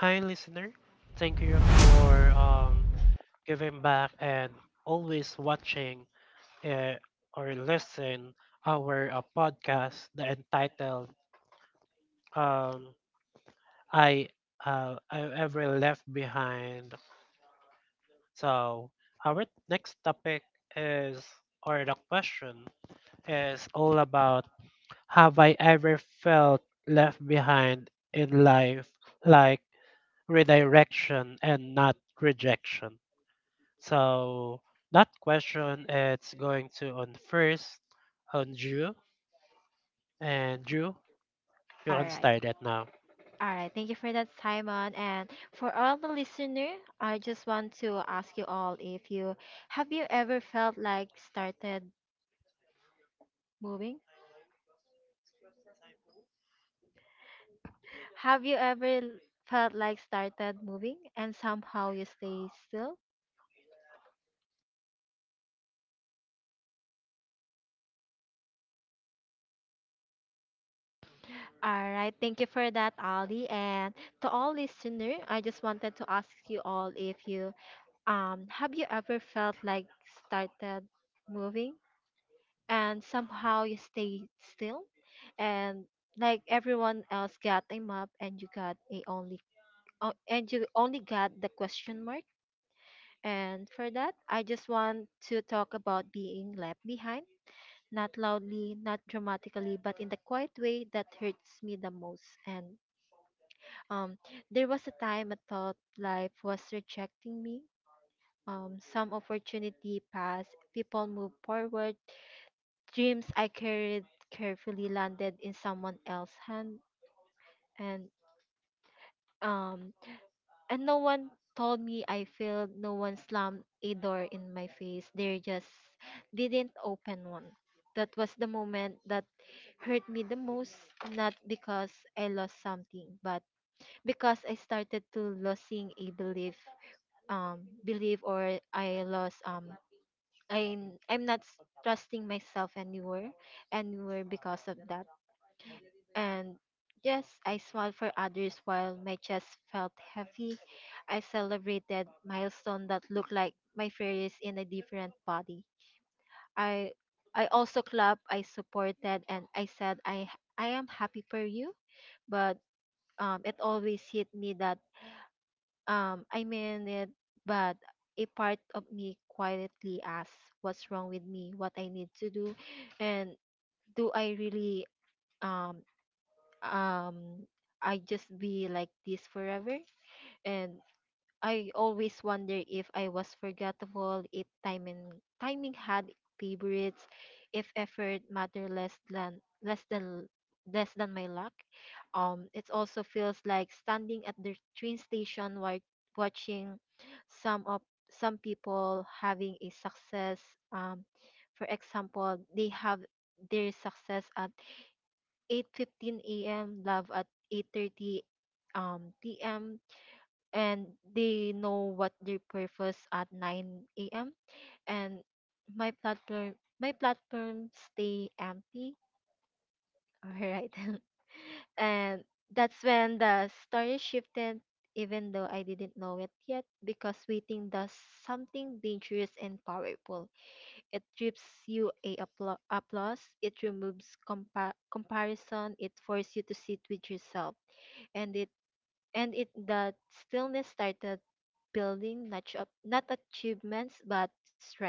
S2: Hi, listener. Thank you for giving back and always watching uh, or listen our podcast the entitled um, I I ever left behind. So our next topic is or the question is all about have I ever felt left behind in life like redirection and not rejection. So that question it's going to on first on Drew, and Drew, you can start it now.
S3: All right, thank you for that, Simon. And for all the listener, I just want to ask you all if you have you ever felt like started moving? Have you ever l- Felt like started moving and somehow you stay still? All right, thank you for that, Ali. And to all listener, I just wanted to ask you all if you have you ever felt like started moving and somehow you stay still, and like everyone else got a map and you got a only and you only got the question mark. And for that, I just want to talk about being left behind, not loudly, not dramatically, but in the quiet way that hurts me the most and um there was a time I thought life was rejecting me. Some opportunity passed, people moved forward, dreams I carried carefully landed in someone else's hand and um and No one told me I failed, no one slammed a door in my face. They just didn't open one. That was the moment that hurt me the most, not because I lost something, but because I started to losing a belief, or I lost I I'm not trusting myself anywhere because of that. And yes, I smiled for others while my chest felt heavy. I celebrated milestones that looked like my fairies in a different body. I I also clapped, I supported, and I said, I am happy for you. But it always hit me that I mean it, but a part of me quietly asked, "What's wrong with me? What I need to do, and do I really um um I just be like this forever?" And I always wonder if I was forgettable, if timing had favorites, if effort matter less than my luck. It also feels like standing at the train station while watching some of some people having a success. Um, for example, they have their success at 8:15 a.m., love at 8:30 um p.m., and they know what their purpose at 9 a.m., and my platform my platform stay empty. All right. And that's when the story shifted, even though I didn't know it yet, because waiting does something dangerous and powerful. It gives you a applause. It removes comparison. It forces you to sit with yourself, and it and it that stillness started building, not up, not achievements, but strength.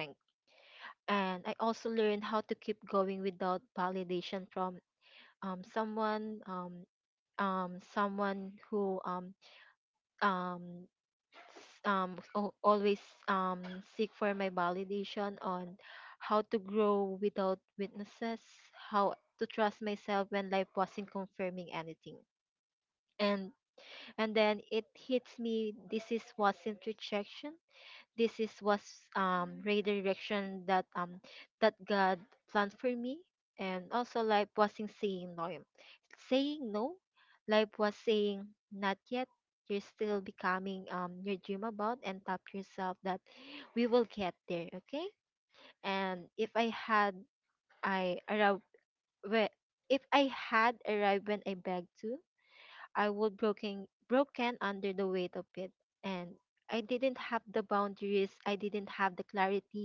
S3: And I also learned how to keep going without validation from someone someone who um al- always um seek for my validation, on how to grow without witnesses, how to trust myself when life wasn't confirming anything. And and then it hits me, this is wasn't rejection, this is was redirection that God planned for me. And also life wasn't saying no, life was saying not yet, you're still becoming your dream about, and tap yourself that we will get there, okay? And if I had I arrived where if I had arrived when I begged to, I would broken under the weight of it. And I didn't have the boundaries, I didn't have the clarity,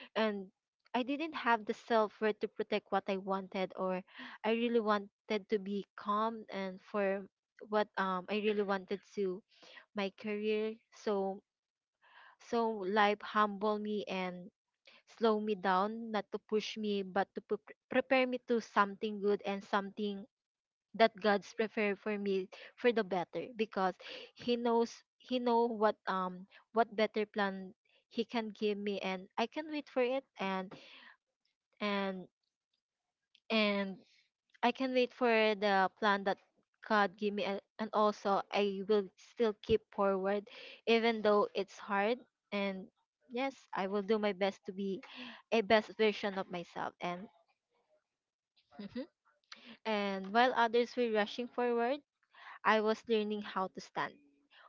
S3: and I didn't have the self worth to protect what I wanted, or I really wanted to be calm, and for what I really wanted to my career. So life humble me and slow me down, not to push me but to prepare me to something good, and something that God's prepared for me for the better, because he knows he know what better plan he can give me, and I can wait for it. And and and I can wait for the plan that God give me, and also I will still keep forward even though it's hard. And yes, I will do my best to be a best version of myself. And mhm. And while others were rushing forward, I was learning how to stand.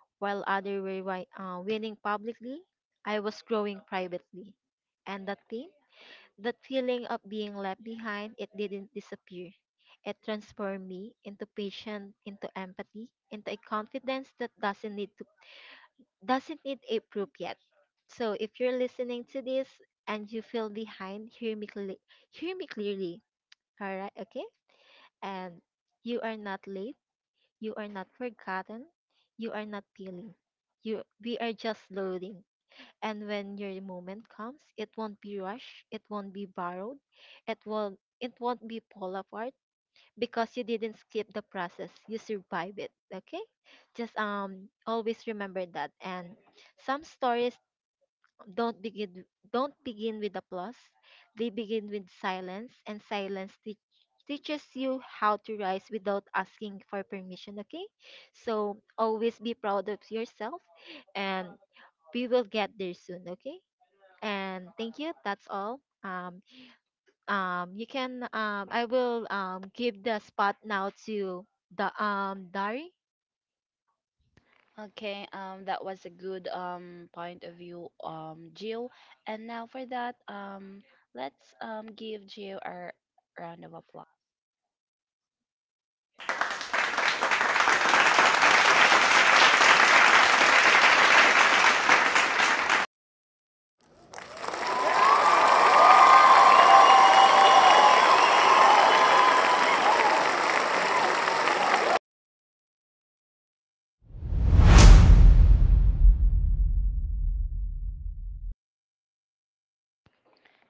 S3: While others were winning publicly, I was growing privately. And that thing, that feeling of being left behind, it didn't disappear. It transformed me into patience, into empathy, into a confidence that doesn't need a proof yet. So if you're listening to this and you feel behind, hear me clearly. Hear me clearly. All right, okay? And you are not late, you are not forgotten. You are not failing. We are just learning. And when your moment comes, it won't be rushed. It won't be borrowed. It won't be pulled apart, because you didn't skip the process. You survive it. Okay, just always remember that. And some stories don't begin don't begin with applause, they begin with silence, and silence teaches you how to rise without asking for permission, okay? So always be proud of yourself, and we will get there soon, okay? And thank you, that's all. You can I will give the spot now to the Dari.
S1: Okay, that was a good point of view, Jill. And now for that, let's give Jill a round of applause.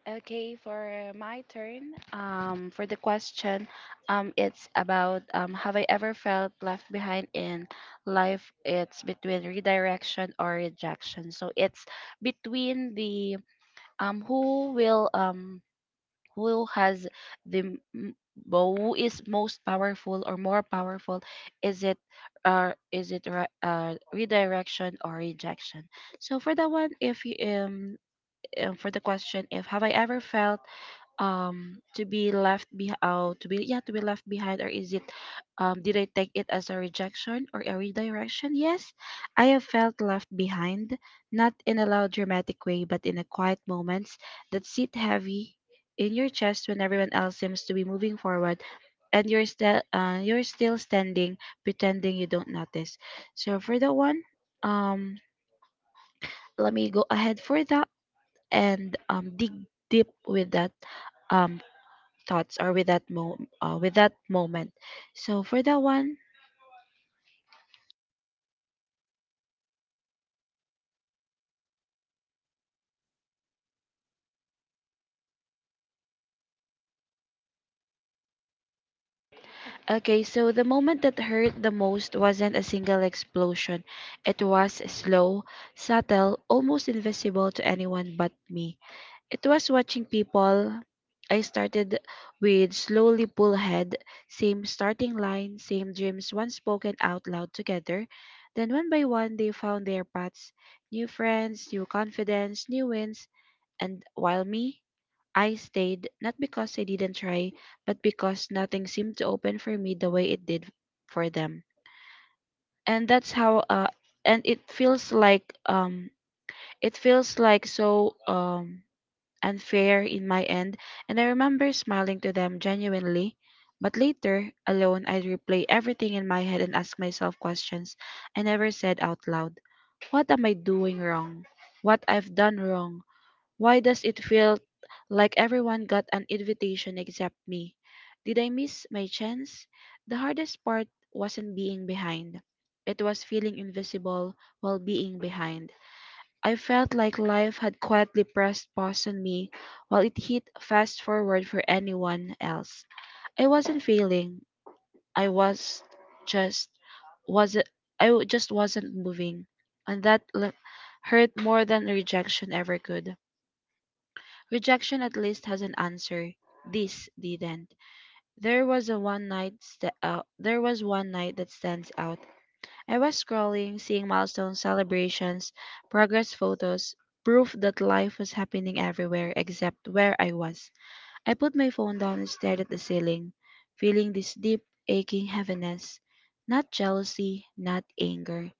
S1: Okay, for my turn, for the question, it's about, have I ever felt left behind in life? It's between redirection or rejection. So it's between the, who will, who has the who is most powerful or more powerful? Is it is it redirection or rejection? So for that one, if you, for the question, if have I ever felt, to be left behind, or is it, did I take it as a rejection or a redirection? Yes, I have felt left behind, not in a loud, dramatic way, but in the quiet moments that sit heavy in your chest when everyone else seems to be moving forward and you're still standing, pretending you don't notice. So for that one, um let me go ahead for that and dig deep with that um thoughts, or with that moment. So for that one, okay, so the moment that hurt the most wasn't a single explosion. It was slow, subtle, almost invisible to anyone but me. It was watching people I started with slowly pull ahead, same starting line, same dreams once spoken out loud together. Then one by one they found their paths, new friends, new confidence, new wins, and while me, I stayed not because I didn't try, but because nothing seemed to open for me the way it did for them. And that's how and it feels like so unfair in my end, and I remember smiling to them genuinely. But later, alone, I'd replay everything in my head and ask myself questions I never said out loud. What am I doing wrong? What I've done wrong? Why does it feel like everyone got an invitation except me? Did I miss my chance? The hardest part wasn't being behind. It was feeling invisible while being behind. I felt like life had quietly pressed pause on me while it hit fast forward for anyone else. I wasn't failing. I was just was not I w- just wasn't moving, and hurt more than rejection ever could. Rejection at least has an answer. This didn't. There was one night that stands out. I was scrolling, seeing milestone celebrations, progress photos, proof that life was happening everywhere except where I was. I put my phone down and stared at the ceiling, feeling this deep aching heaviness. Not jealousy, not anger,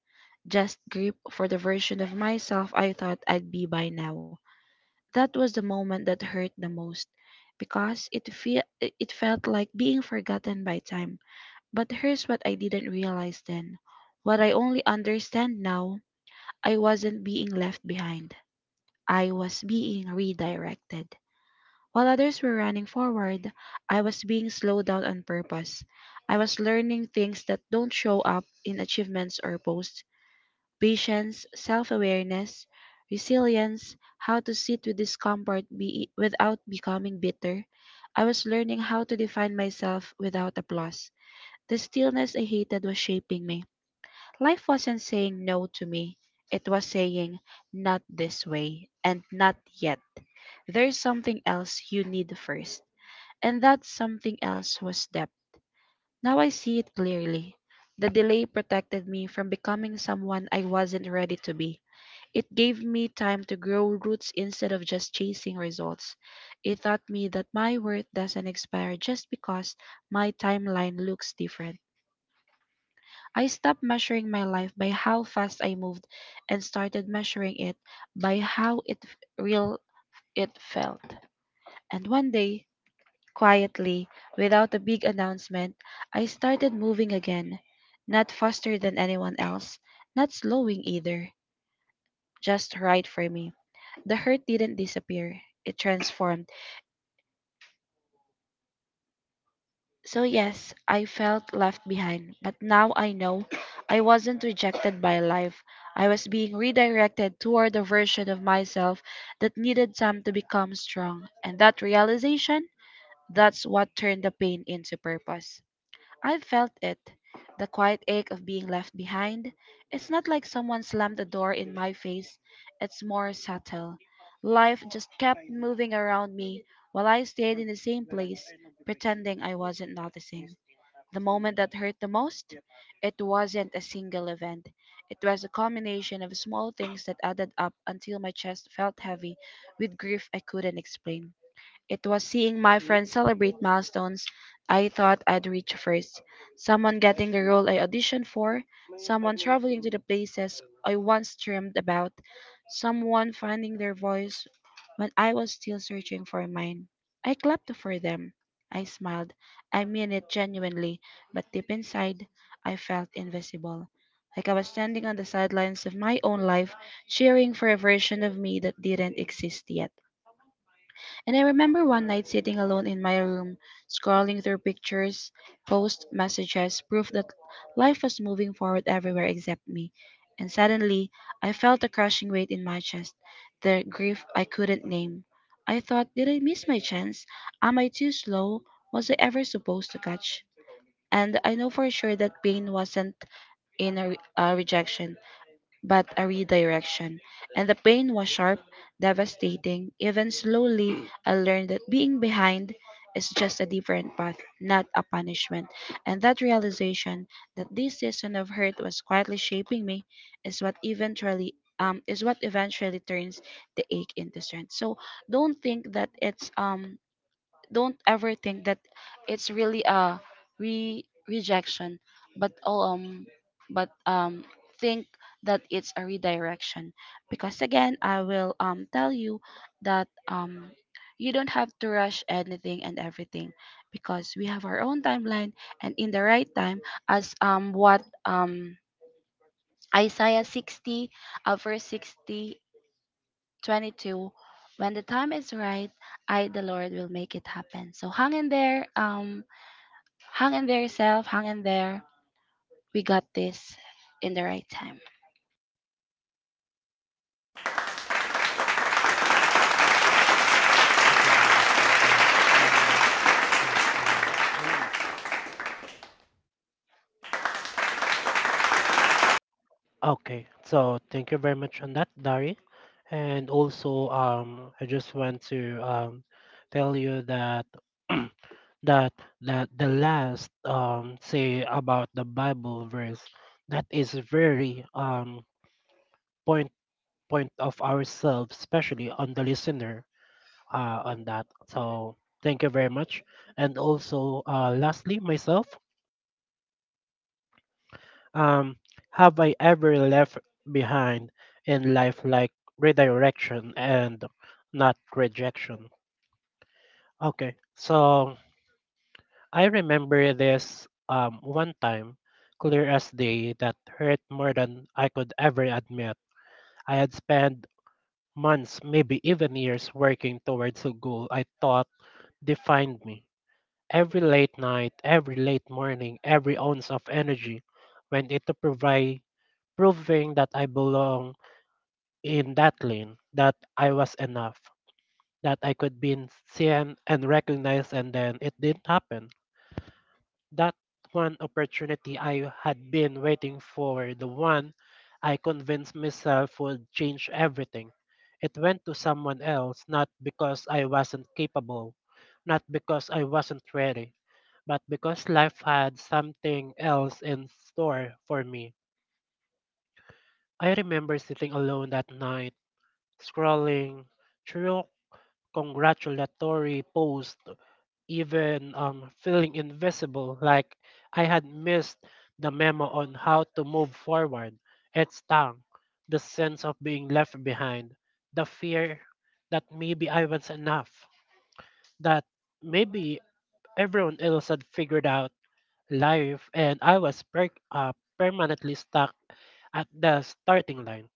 S1: just grief for the version of myself I thought I'd be by now. That was the moment that hurt the most because it felt like being forgotten by time. But here's what I didn't realize then. What I only understand now, I wasn't being left behind. I was being redirected. While others were running forward, I was being slowed down on purpose. I was learning things that don't show up in achievements or posts: patience, self awareness, resilience, how to sit with without becoming bitter. I was learning how to define myself without applause. The stillness I hated was shaping me. Life wasn't saying no to me, it was saying, not this way, and not yet. There's something else you need first. And that something else was depth. Now I see it clearly. The delay protected me from becoming someone I wasn't ready to be. It gave me time to grow roots instead of just chasing results. It taught me that my worth doesn't expire just because my timeline looks different. I stopped measuring my life by how fast I moved and started measuring it by how real it felt. And one day, quietly, without a big announcement, I started moving again, not faster than anyone else, not slowing either, just right for me. The hurt didn't disappear, it transformed. So, yes, I felt left behind, but now I know I wasn't rejected by life. I was being redirected toward a version of myself that needed time to become strong. And that realization, that's what turned the pain into purpose. I felt it. The quiet ache of being left behind. It's not like someone slammed the door around while I still hurt the most. It wasn't a single event. It was a combination of small things that added up until my chest felt heavy with grief I couldn't explain. It was seeing celebrations I thought I'd reached, full I auditioned for, traveling to the places I once dreamed about, someone finding their voice when I was still searching for mine. I clapped for them. I smiled. I mean it genuinely, but deep inside, I felt invisible. Like I was standing on the sidelines of my own life, cheering for a version of me that didn't exist yet. And I remember one night sitting alone in my room, scrolling through pictures, posts, messages, proof that life was moving forward everywhere except me. And suddenly, I felt a crushing weight in my chest, the grief I couldn't name. I thought, did I miss my chance? Am I too slow? Was I ever supposed to catch? And I know for sure that pain wasn't a rejection but a redirection. And the pain was sharp, devastating. Even slowly, I learned that being behind is just a different path, not a punishment. And that realization that this season of hurt was quietly shaping me is what eventually is what eventually turns the ache into strength. So don't think that it's um don't ever think that it's really a rejection, but all um but think that it's a redirection, because again I will tell you that you don't have to rush anything and everything, because we have our own timeline, and in the right time, as what um Isaiah 60, verse 60:22, when the time is right, I, the Lord, will make it happen. So hang in there, hang in there yourself, hang in there, we got this, in the right time.
S2: Thank you very much on that, Dari. That is only okay. So thank you very much on that, Dari. And also, I just want to tell you that that that the last say about the Bible verse, that is very point point of ourselves, especially on the listener on that. So thank you very much. And also, lastly, myself. Um, have I ever left behind in life like redirection and not rejection? Okay, so I remember this one time, clear as day, that hurt more than I could ever admit. I had spent months, maybe even years, working towards a goal I thought defined me. Every late night, every late morning, every ounce of energy went into proving that I belong in that lane, that I was enough, that I could be seen and recognized, and then it didn't happen. That one opportunity I had been waiting for, the one I convinced myself would change everything. It went to someone else, not because I wasn't capable, not because I wasn't ready, but because life had something else in store for me. I remember sitting alone that night, scrolling through congratulatory post, even feeling invisible, like I had missed the memo on how to move forward. It stung. The sense of being left behind, the fear that maybe I was enough, that maybe everyone else had figured out life and I was permanently stuck at the starting line.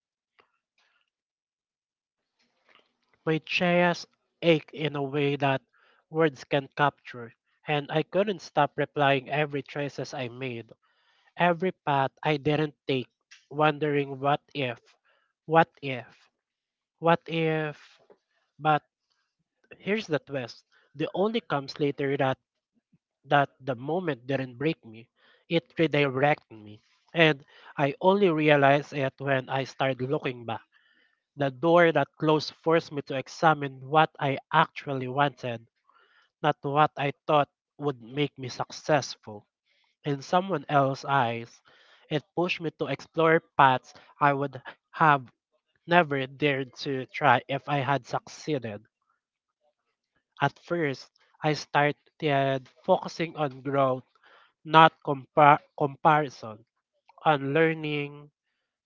S2: My chest ached in a way that words can't capture, and I couldn't stop replying every choices I made, every path I didn't take, wondering what if, what if, what if. But here's the twist: the only comes later that the moment didn't break me, it redirected me, and I only realized it when I started looking back. The door that closed forced me to examine what I actually wanted, not what I thought would make me successful. In someone else's eyes, it pushed me to explore paths I would have never dared to try if I had succeeded. At first, I started focusing on growth, not comparison, on learning,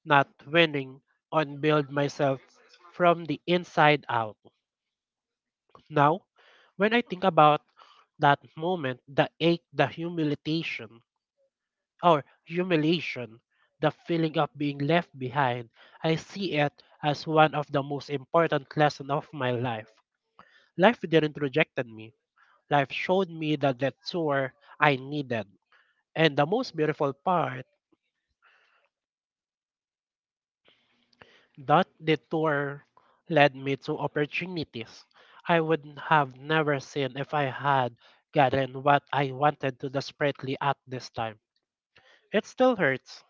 S2: not winning, on build myself from the inside out. Now, when I think about that moment, the ache, the humiliation, or humiliation, the feeling of being left behind, I see it as one of the most important lessons of my life. Life didn't reject me. Life showed me the detour I needed. And the most beautiful part, that detour led me to opportunities I would have never seen if I had gotten what I wanted to desperately at this time. It still hurts,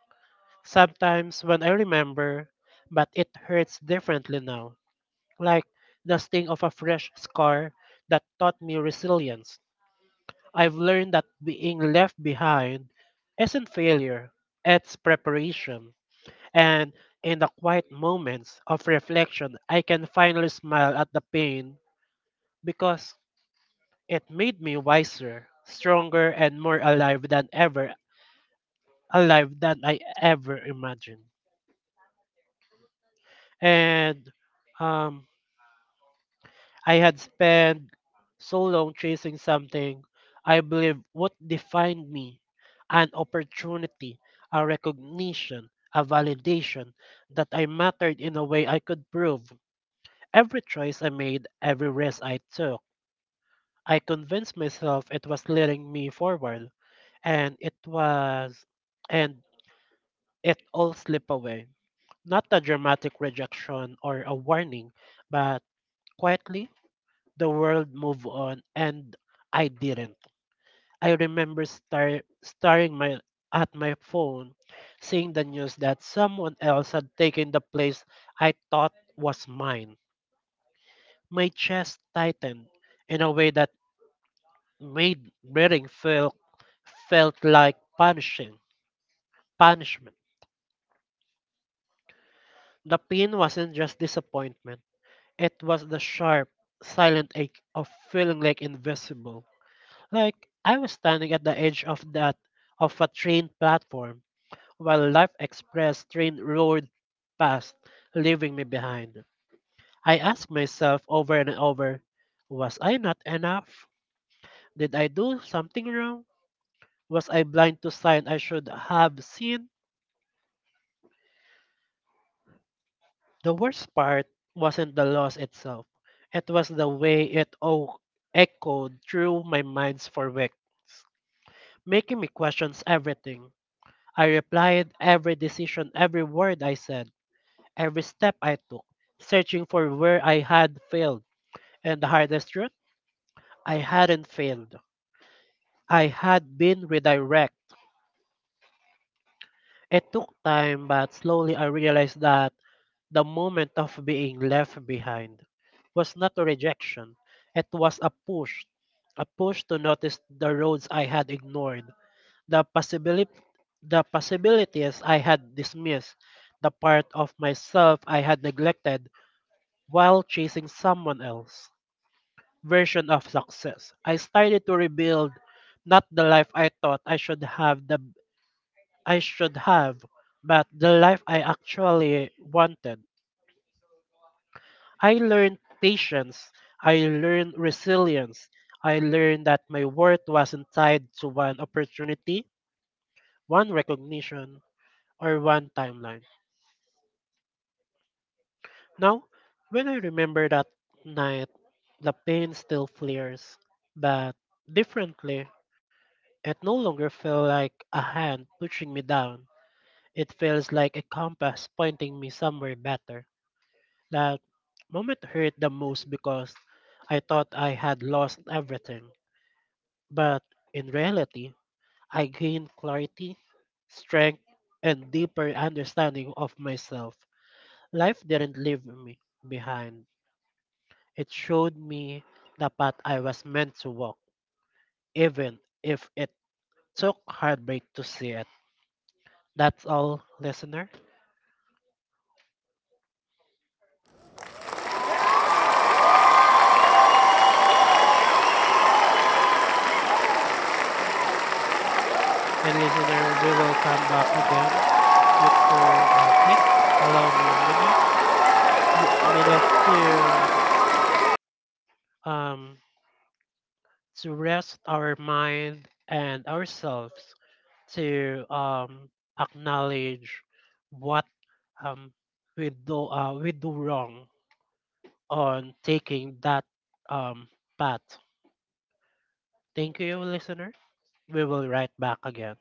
S2: sometimes when I remember, but it hurts differently now, like the sting of a fresh scar that taught me resilience. I've learned that being left behind isn't failure, it's preparation. And in the quiet moments of reflection, I can finally smile at the pain because it made me wiser, stronger, and more alive than ever, alive than I ever imagined. And um, I had spent so long chasing something I believe what defined me, an opportunity, a recognition, a validation that I mattered in a way I could prove. Every choice I made, every risk I took, I convinced myself it was leading me forward. And it was, and it all slipped away. Not a dramatic rejection or a warning, but quietly the world moved on and I didn't. I remember staring my at my phone, seeing the news that someone else had taken the place I thought was mine. My chest tightened in a way that made breathing feel felt like punishing punishment. The pain wasn't just disappointment. It was the sharp, silent ache of feeling like invisible. Like I was standing at the edge of that of a train platform while Life Express train roared past, leaving me behind. I asked myself over and over, was I not enough? Did I do something wrong? Was I blind to signs I should have seen? The worst part wasn't the loss itself. It was the way it all echoed through my minds for weeks, making me question everything. I replied every decision, every word I said, every step I took, searching for where I had failed. And the hardest truth? I hadn't failed. I had been redirected. It took time, but slowly I realized that the moment of being left behind was not a rejection, it was a push. A push to notice the roads I had ignored, The possibility the possibilities I had dismissed, the part of myself I had neglected while chasing someone else version of success. I started to rebuild, not the life I thought I should have, but the life I actually wanted. I learned patience, I learned resilience. I learned that my worth wasn't tied to one opportunity, one recognition, or one timeline. Now, when I remember that night, the pain still flares, but differently. It no longer feels like a hand pushing me down. It feels like a compass pointing me somewhere better. That moment hurt the most because I thought I had lost everything. But in reality, I gained clarity, strength, and deeper understanding of myself. Life didn't leave me behind. It showed me the path I was meant to walk, even if it took heartbreak to see it. That's all, listener. And listener, we will come back again later. Please allow me a minute, minute to um to rest our mind and ourselves to acknowledge what um we do wrong on taking that um path. Thank you, listener. We will write back again.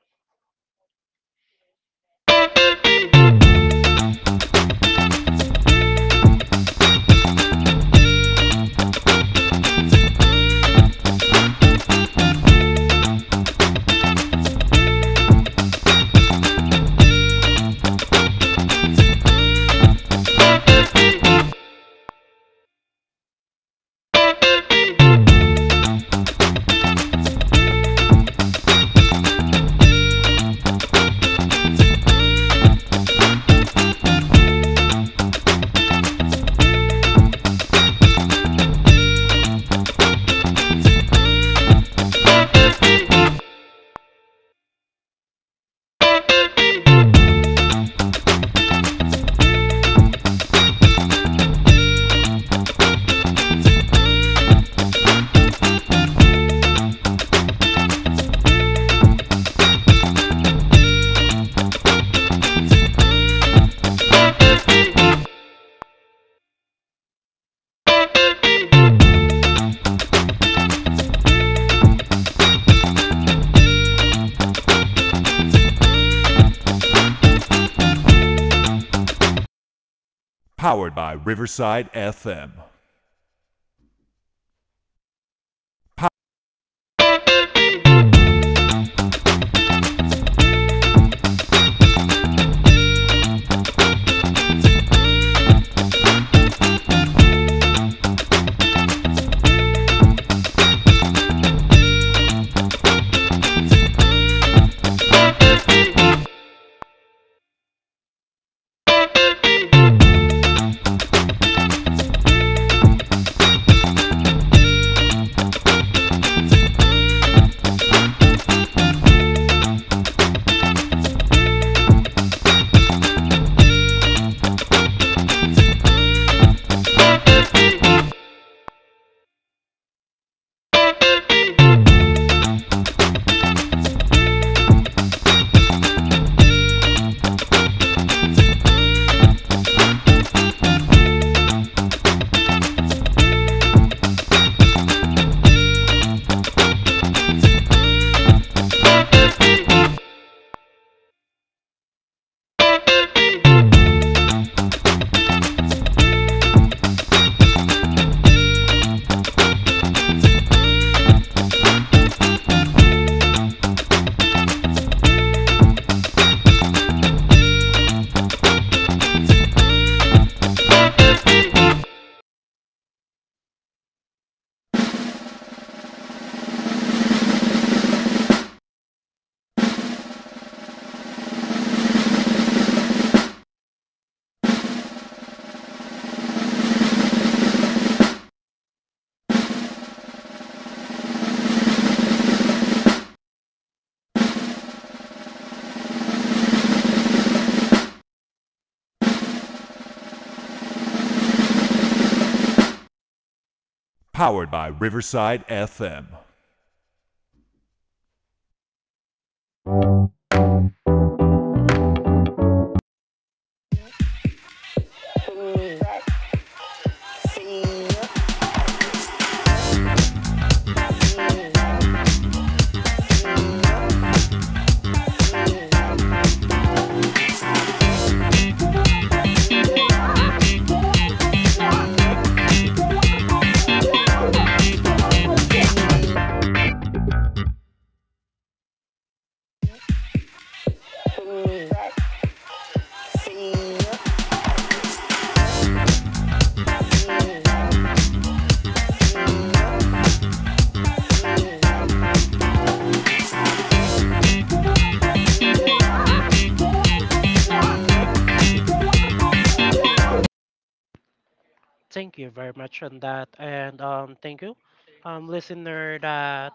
S2: Thank you very much on that, and thank you, listener. That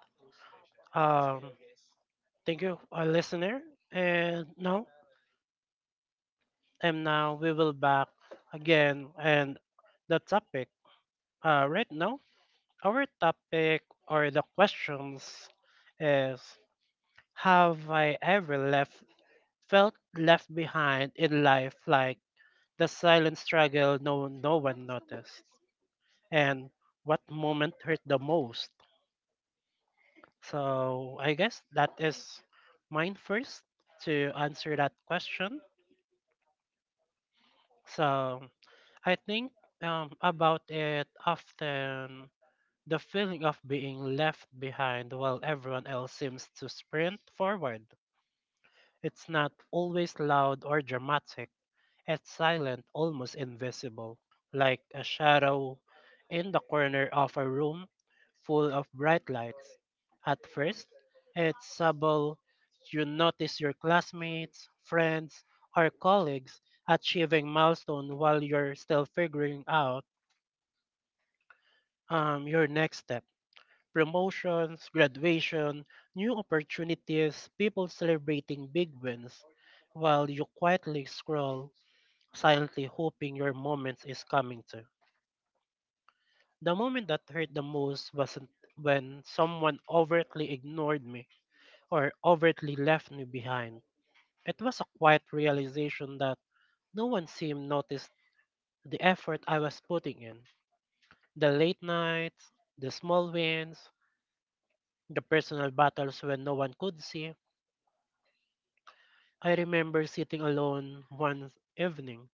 S2: um, Thank you, listener. And now, and now we will back again, and the topic. Right now, our topic or the questions is: Have I ever left felt left behind in life, like the silent struggle no one noticed? And what moment hurt the most. So I guess that is mine first to answer that question. So I think about it often, the feeling of being left behind while everyone else seems to sprint forward. It's not always loud or dramatic. It's silent, almost invisible, like a shadow in the corner of a room full of bright lights. At first, it's subtle. You notice your classmates, friends, or colleagues achieving milestone while you're still figuring out your next step. Promotions, graduation, new opportunities, people celebrating big wins, while you quietly scroll, silently hoping your moment is coming too. The moment that hurt the most wasn't when someone overtly ignored me or overtly left me behind. It was a quiet realization that no one seemed noticed the effort I was putting in. The late nights, the small wins, the personal battles when no one could see. I remember sitting alone one evening,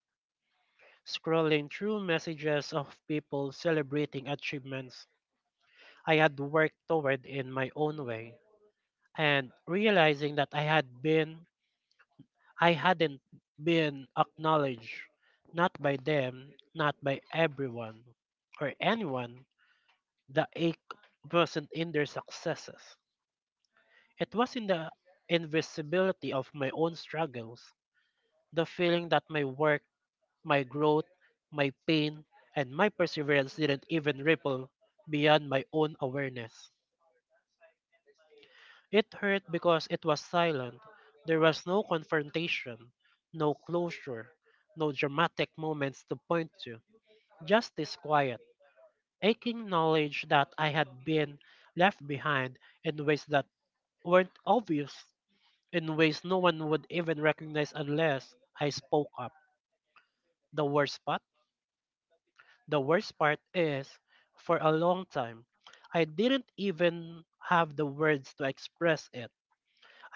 S2: scrolling through messages of people celebrating achievements I had worked toward in my own way. And realizing that I hadn't been acknowledged, not by them, not by everyone or anyone. The ache wasn't in their successes. It was in the invisibility of my own struggles, the feeling that my work, my growth, my pain, and my perseverance didn't even ripple beyond my own awareness. It hurt because it was silent. There was no confrontation, no closure, no dramatic moments to point to. Just this quiet, aching knowledge that I had been left behind in ways that weren't obvious, in ways no one would even recognize unless I spoke up. The worst part? The worst part is, for a long time, I didn't even have the words to express it.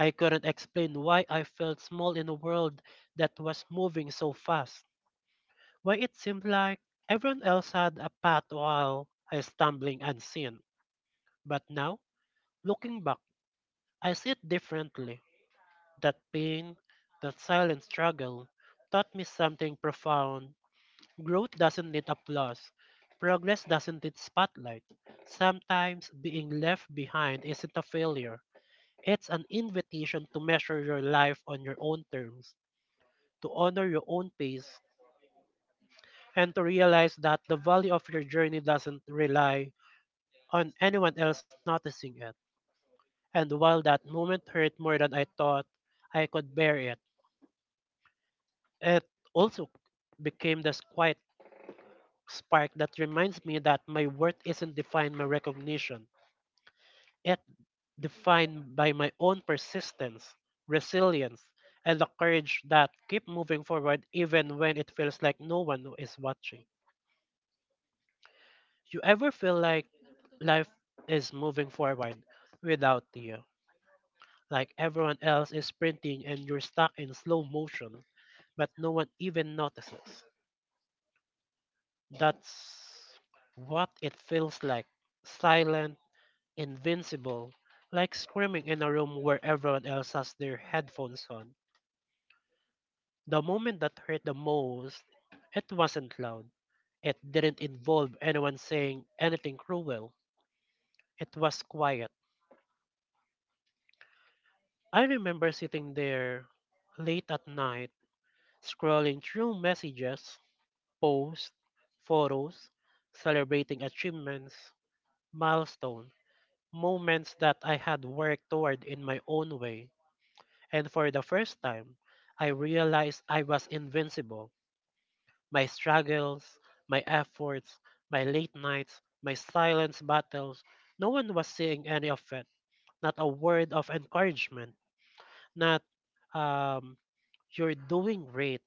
S2: I couldn't explain why I felt small in a world that was moving so fast, why it seemed like everyone else had a path while I stumbling unseen. But now, looking back, I see it differently. That pain, that silent struggle, taught me something profound. Growth doesn't need applause. Progress doesn't need spotlight. Sometimes being left behind isn't a failure. It's an invitation to measure your life on your own terms, to honor your own pace, and to realize that the value of your journey doesn't rely on anyone else noticing it. And while that moment hurt more than I thought I could bear it, it also became this quiet spark that reminds me that my worth isn't defined by recognition. It defined by my own persistence, resilience, and the courage that keep moving forward even when it feels like no one is watching. You ever feel like life is moving forward without you? Like everyone else is sprinting and you're stuck in slow motion, but no one even notices. That's what it feels like. Silent, invincible, like screaming in a room where everyone else has their headphones on. The moment that hurt the most, it wasn't loud. It didn't involve anyone saying anything cruel. It was quiet. I remember sitting there late at night, scrolling through messages, posts, photos, celebrating achievements, milestones, moments that I had worked toward in my own way. And for the first time, I realized I was invincible. My struggles, my efforts, my late nights, my silent battles, no one was seeing any of it. Not a word of encouragement, not um, You're doing great.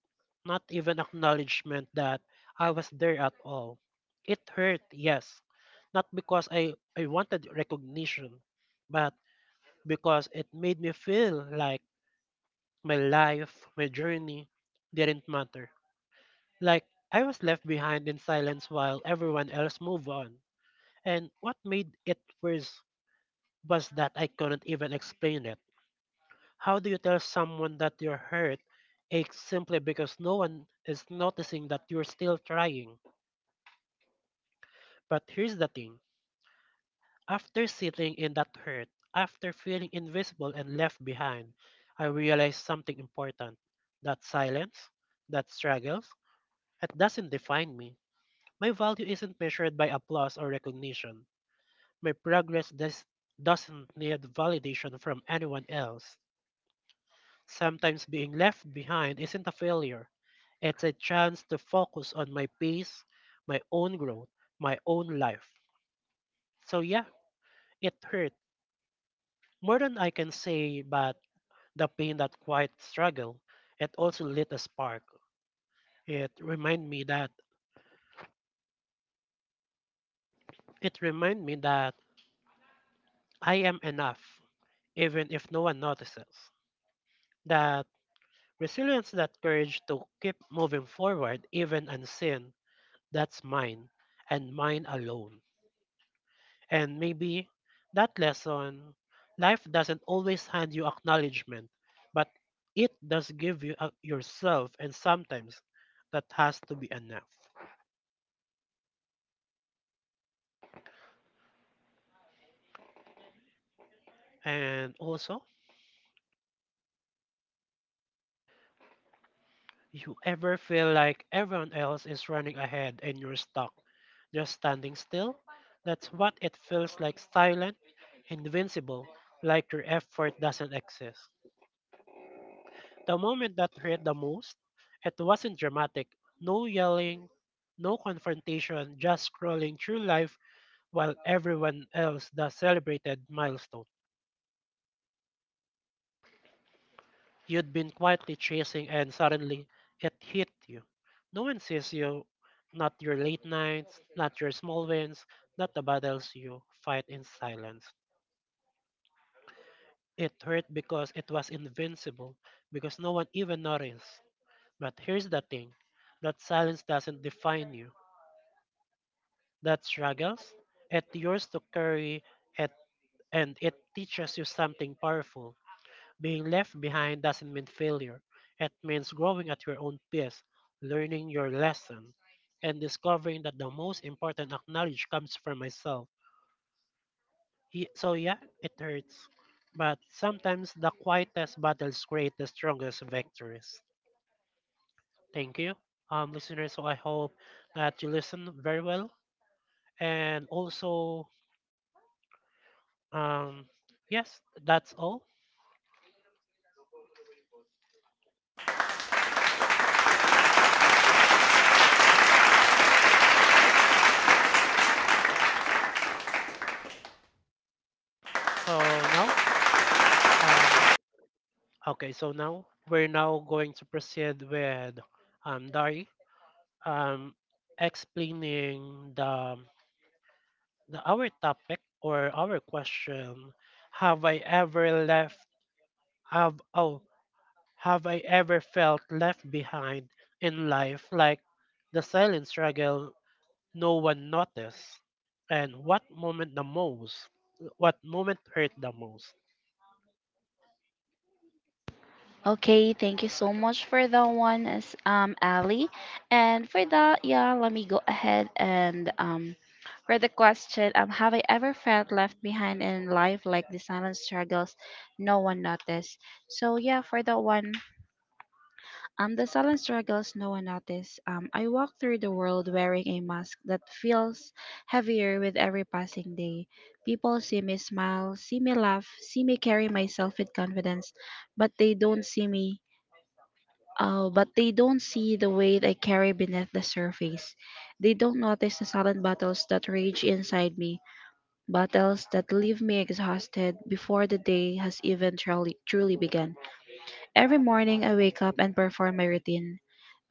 S2: Not even acknowledgement that I was there at all. It hurt, yes. Not because I wanted recognition, but because it made me feel like my life, my journey didn't matter. Like I was left behind in silence while everyone else moved on. And what made it worse was that I couldn't even explain it. How do you tell someone that your hurt aches simply because no one is noticing that you're still trying? But here's the thing, after sitting in that hurt, after feeling invisible and left behind, I realized something important, that silence, that struggles, it doesn't define me. My value isn't measured by applause or recognition. My progress does, doesn't need validation from anyone else. Sometimes being left behind isn't a failure. It's a chance to focus on my pace, my own growth, my own life. So yeah, it hurt. More than I can say, but the pain, that quiet struggle, it also lit a spark. It remind me that it remind me that I am enough, even if no one notices. That resilience, that courage to keep moving forward, even unseen, that's mine and mine alone. And maybe that lesson, life doesn't always hand you acknowledgement, but it does give you yourself, and sometimes that has to be enough. And also, you ever feel like everyone else is running ahead and you're stuck, just standing still? That's what it feels like, silent, invincible, like your effort doesn't exist. The moment that hurt the most, it wasn't dramatic. No yelling, no confrontation, just scrolling through life while everyone else the celebrated milestone. You'd been quietly chasing and suddenly it hit you. No one sees you, not your late nights, not your small wins, not the battles you fight in silence. It hurt because it was invincible, because no one even noticed. But here's the thing, that silence doesn't define you, that struggles. It yours to carry it, and it teaches you something powerful. Being left behind doesn't mean failure. It means growing at your own pace, learning your lesson, and discovering that the most important acknowledge comes from myself. So yeah, it hurts. But sometimes the quietest battles create the strongest victories. Thank you. Listeners, so I hope that you listen very well and also Um, yes, that's all. So now, um, okay, so now we're now going to proceed with Dari um, explaining the our topic or our question. Have I ever left? Have oh, have I ever felt left behind in life, like the silent struggle no one noticed? And what moment the most? What moment hurt the most?
S1: Okay thank you so much for that one as ali and for that yeah let me go ahead and for the question have I ever felt left behind in life like the silent struggles no one noticed so yeah for that one the silent struggles no one noticed. I walk through the world wearing a mask that feels heavier with every passing day. People see me smile, see me laugh, see me carry myself with confidence, but they don't see me. But they don't see the weight I carry beneath the surface. They don't notice the silent battles that rage inside me, battles that leave me exhausted before the day has even truly, truly begun. Every morning I wake up and perform my routine.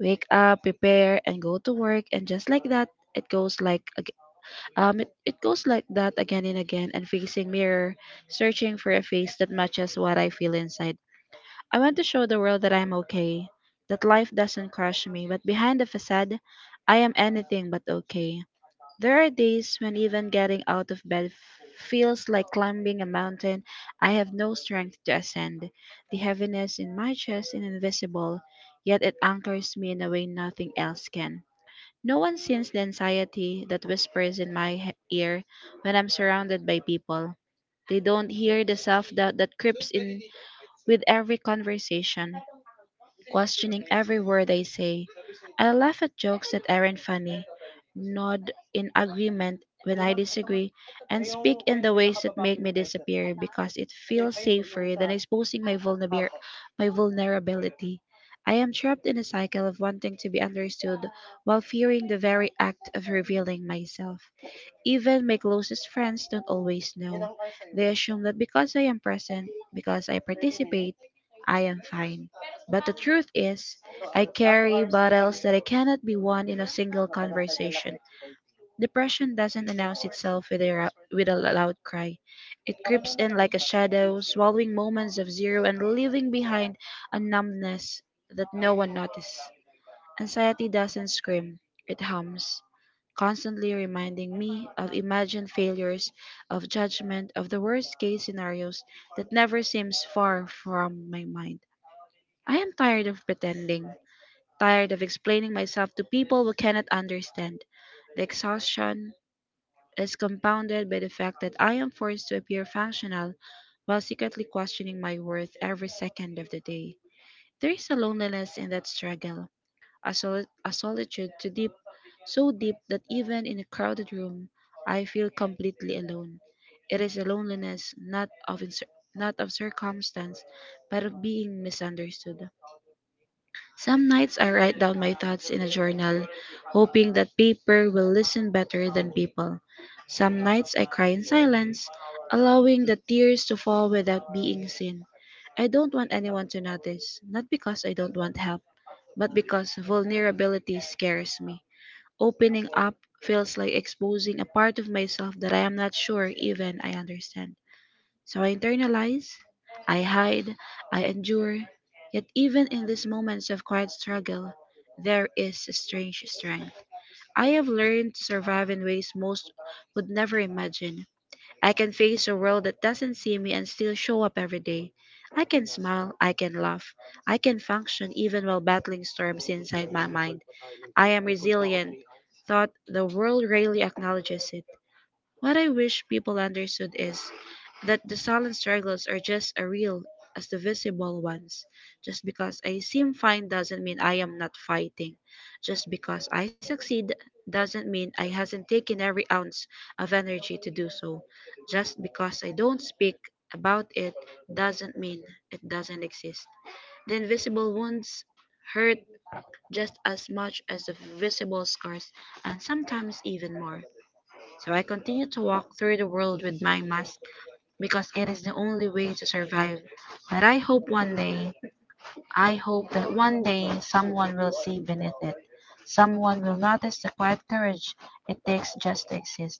S1: Wake up, prepare, and go to work, and just like that, it goes like ag- it, it goes like that again and again and facing mirror, searching for a face that matches what I feel inside. I want to show the world that I'm okay, that life doesn't crush me, but behind the facade, I am anything but okay. There are days when even getting out of bed feels like climbing a mountain I have no strength to ascend. The heaviness in my chest is invisible, yet it anchors me in a way nothing else can. No one sees the anxiety that whispers in my he- ear when I'm surrounded by people. They don't hear the self doubt that creeps with every conversation, every word I say. I laugh at jokes that aren't funny, nod in agreement when agree because it feels like exposing my vulnerability my vulnerability. I am trapped in a cycle of wanting to be understood while fearing the very act of revealing myself. Even my closest friends don't always know. They assume that because I am present, because I participate, I am fine. But the truth is, care that I cannot be one in a single. Depression doesn't announce itself with a, ra- with a loud cry. It creeps in like a shadow, swallowing moments of zero and leaving behind a numbness that no one notices. Anxiety doesn't scream, it hums, constantly reminding me of imagined failures, of judgment, of the worst case scenarios that never seems far from my mind. I am tired of pretending, tired of explaining myself to people who cannot understand. The exhaustion is compounded by the fact that I am forced to appear functional while secretly questioning my worth every second of the day. There is a loneliness in that struggle, a, soli- a solitude to so deep that even in a crowded room, I feel completely alone. It is a loneliness not of in- not of circumstance, but of being misunderstood. Some nights I write down my thoughts in a journal, hoping that paper will listen better than people. Some nights I cry in silence, allowing the tears to fall without being seen. I don't want anyone to notice, not because I don't want help, but because vulnerability scares me. Opening up feels like exposing a part of myself that I am not sure even I understand. So I internalize, I hide, I endure. Yet, even in these moments of quiet struggle, there is a strange strength. I have learned to survive in ways most would never imagine. I can face a world that doesn't see me and still show up every day. I can smile, I can laugh, I can function even while battling storms. Thought the world rarely acknowledges it. What I wish people understood is that the silent struggles are just as real as the visible ones. Just because I seem fine doesn't mean I am not fighting. Just because I succeed doesn't mean I hasn't taken every ounce of energy to do so. Just because I don't speak about it doesn't mean it doesn't exist. The invisible wounds hurt just as much as the visible scars and sometimes even more. So I continue to walk through the world with my mask because it is the only way to survive. But I hope one day, I hope that one day someone will see beneath it. Someone will notice the quiet courage it takes just to exist.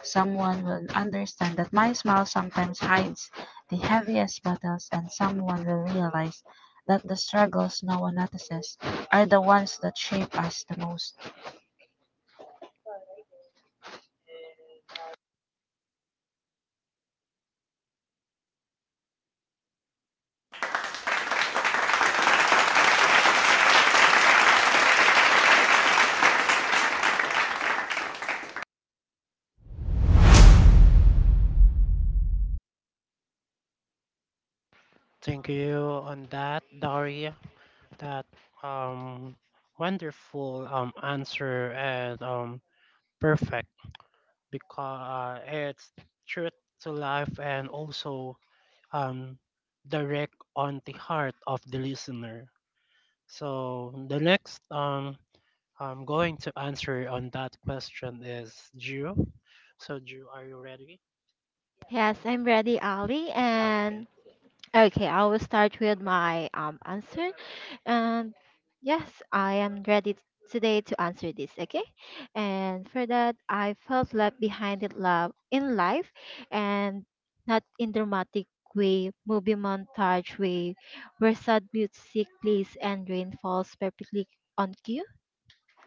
S1: Someone will understand that my smile sometimes hides the heaviest battles, and someone will realize that the struggles no one notices are the ones that shape us the most.
S2: Thank you on that, Daria. That um Wonderful answer and perfect because it's truth to life and also um direct on the heart of the listener. So the next I'm going to answer on that question is Drew. So Drew, are you ready?
S3: Yes, I'm ready, Ali.
S2: Okay.
S3: And okay, I will start with my answer. And yes, I am ready today to answer this, okay? And for that, I felt left behind in love in life, and not in dramatic way, movie montage way, where sad music plays and rain falls perfectly on cue.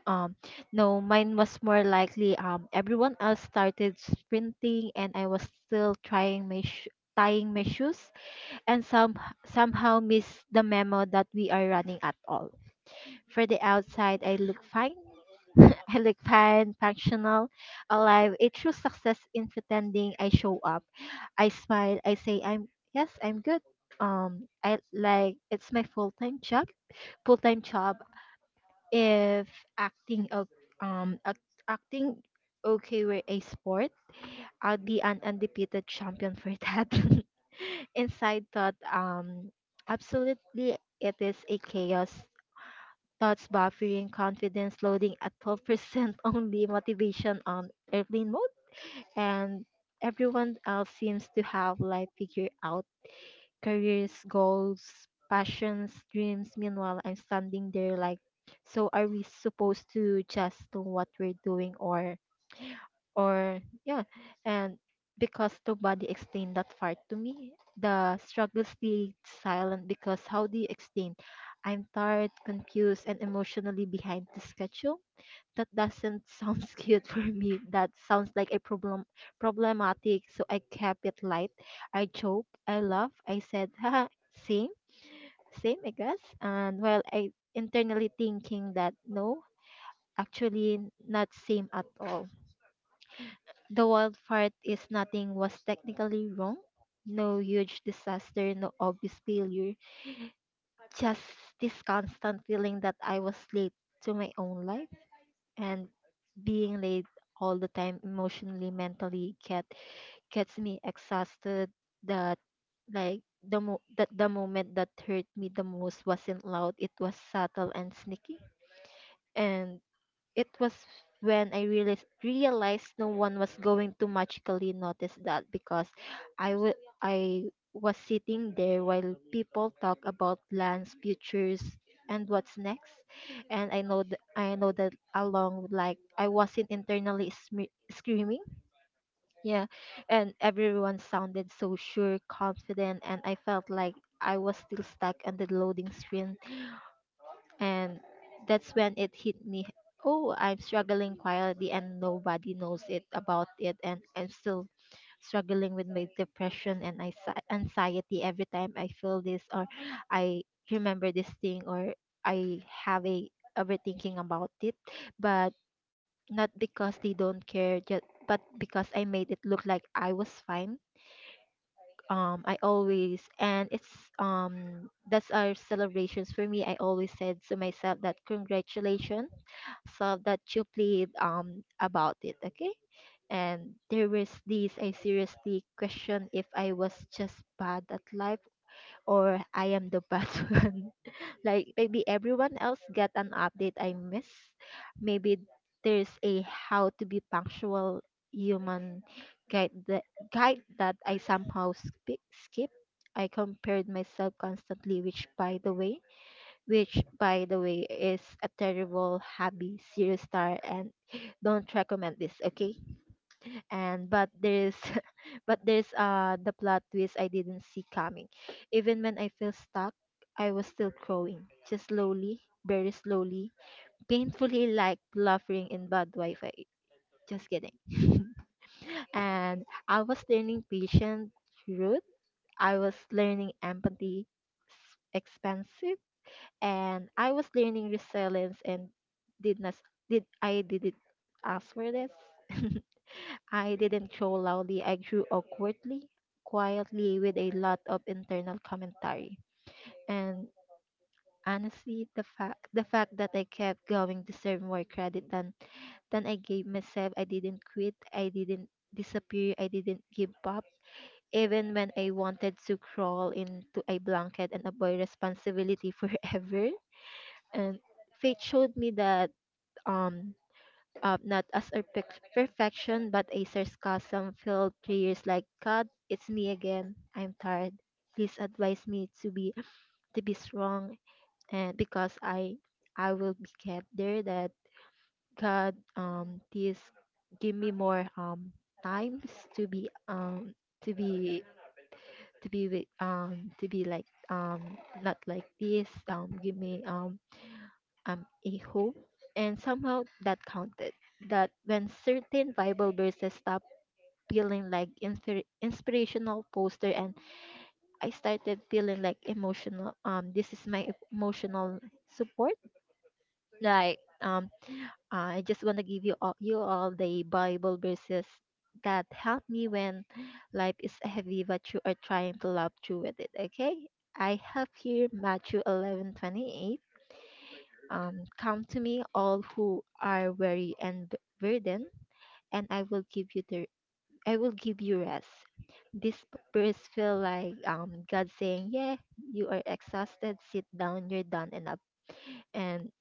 S3: Um, no, mine was more likely everyone else started sprinting, and I was still trying tying my shoes, and somehow miss the memo that we are running at all. For the outside, I look fine. I look fine, functional, alive. A true success in pretending I show up. I smile. I say I'm yes, I'm good. I like it's my full time job. Full time job. If acting of um act, acting okay were a sport, I'd be an undefeated champion for that. Inside thought, absolutely, it is a chaos. Thoughts buffering, confidence loading at 12% only, motivation on airplane mode, and everyone else seems to have life figured out. Careers, goals, passions, dreams. Meanwhile, I'm standing there like, so are we supposed to just do what we're doing, or yeah, and because nobody explained that part to me, the struggle stayed silent. Because how do you explain I'm tired, confused, and emotionally behind the schedule? That doesn't sound cute for me, that sounds like a problematic. So I kept it light, I joke, I laugh, I said haha, same same I guess, and well, I internally thinking that no, actually, not same at all. The wild part is nothing was technically wrong. No huge disaster, no obvious failure. Just this constant feeling that I was late to my own life, and being late all the time emotionally, mentally gets me exhausted. That like the mo- that The moment that hurt me the most wasn't loud, it was subtle and sneaky. And it was when I realized no one was going to magically notice that, because I was sitting there while people talk about plans, futures, and what's next. And I know that along, like I wasn't internally screaming. Yeah, and everyone sounded so sure, confident, and I felt like I was still stuck on the loading screen, and that's when it hit me. Oh, I'm struggling quietly and nobody knows it about it. And I'm still struggling with my depression anxiety every time I feel this, or I remember this thing, or I have a overthinking about it. But not because they don't care, but because I made it look like I was fine. I always and it's That's our celebrations for me. I always said to myself that congratulations, so that you played about it, okay? And there was this, I seriously questioned if I was just bad at life or I am the bad one. Like maybe everyone else get an update I miss. Maybe there's a how to be punctual human guide that, guide that I somehow skip. I compared myself constantly, which by the way is a terrible hobby, serious star, and don't recommend this. Okay, and but there's but there's the plot twist I didn't see coming. Even when I feel stuck, I was still growing, just slowly, very slowly, painfully like bluffing in bad Wi-Fi. Just kidding. And I was learning patience, truth. I was learning empathy, expensive, and I was learning resilience. And did not did I did it ask for this? I didn't show loudly, I grew awkwardly, quietly, with a lot of internal commentary. And honestly, the fact that I kept going deserved more credit than I gave myself. I didn't quit, I didn't disappear, I didn't give up. Even when I wanted to crawl into a blanket and avoid responsibility forever. And fate showed me that, um up, not as a perfection but a sarcasm filled prayers like, "God, it's me again. I'm tired. Please advise me to be, strong." And because I will be kept there that, "God, please give me more, times to be, to be to be with to be like not like this, give me, a hope," and somehow that counted. That when certain Bible verses stopped feeling like inspirational poster and I started feeling like emotional, this is my emotional support. Like, I just want to give you all, the Bible verses that help me when life is heavy, but you are trying to love through with it. Okay, I have here Matthew 11:28. Come to me, all who are weary and burdened, and I will give you rest. This verse feel like, God saying, "Yeah, you are exhausted. Sit down. You're done enough." And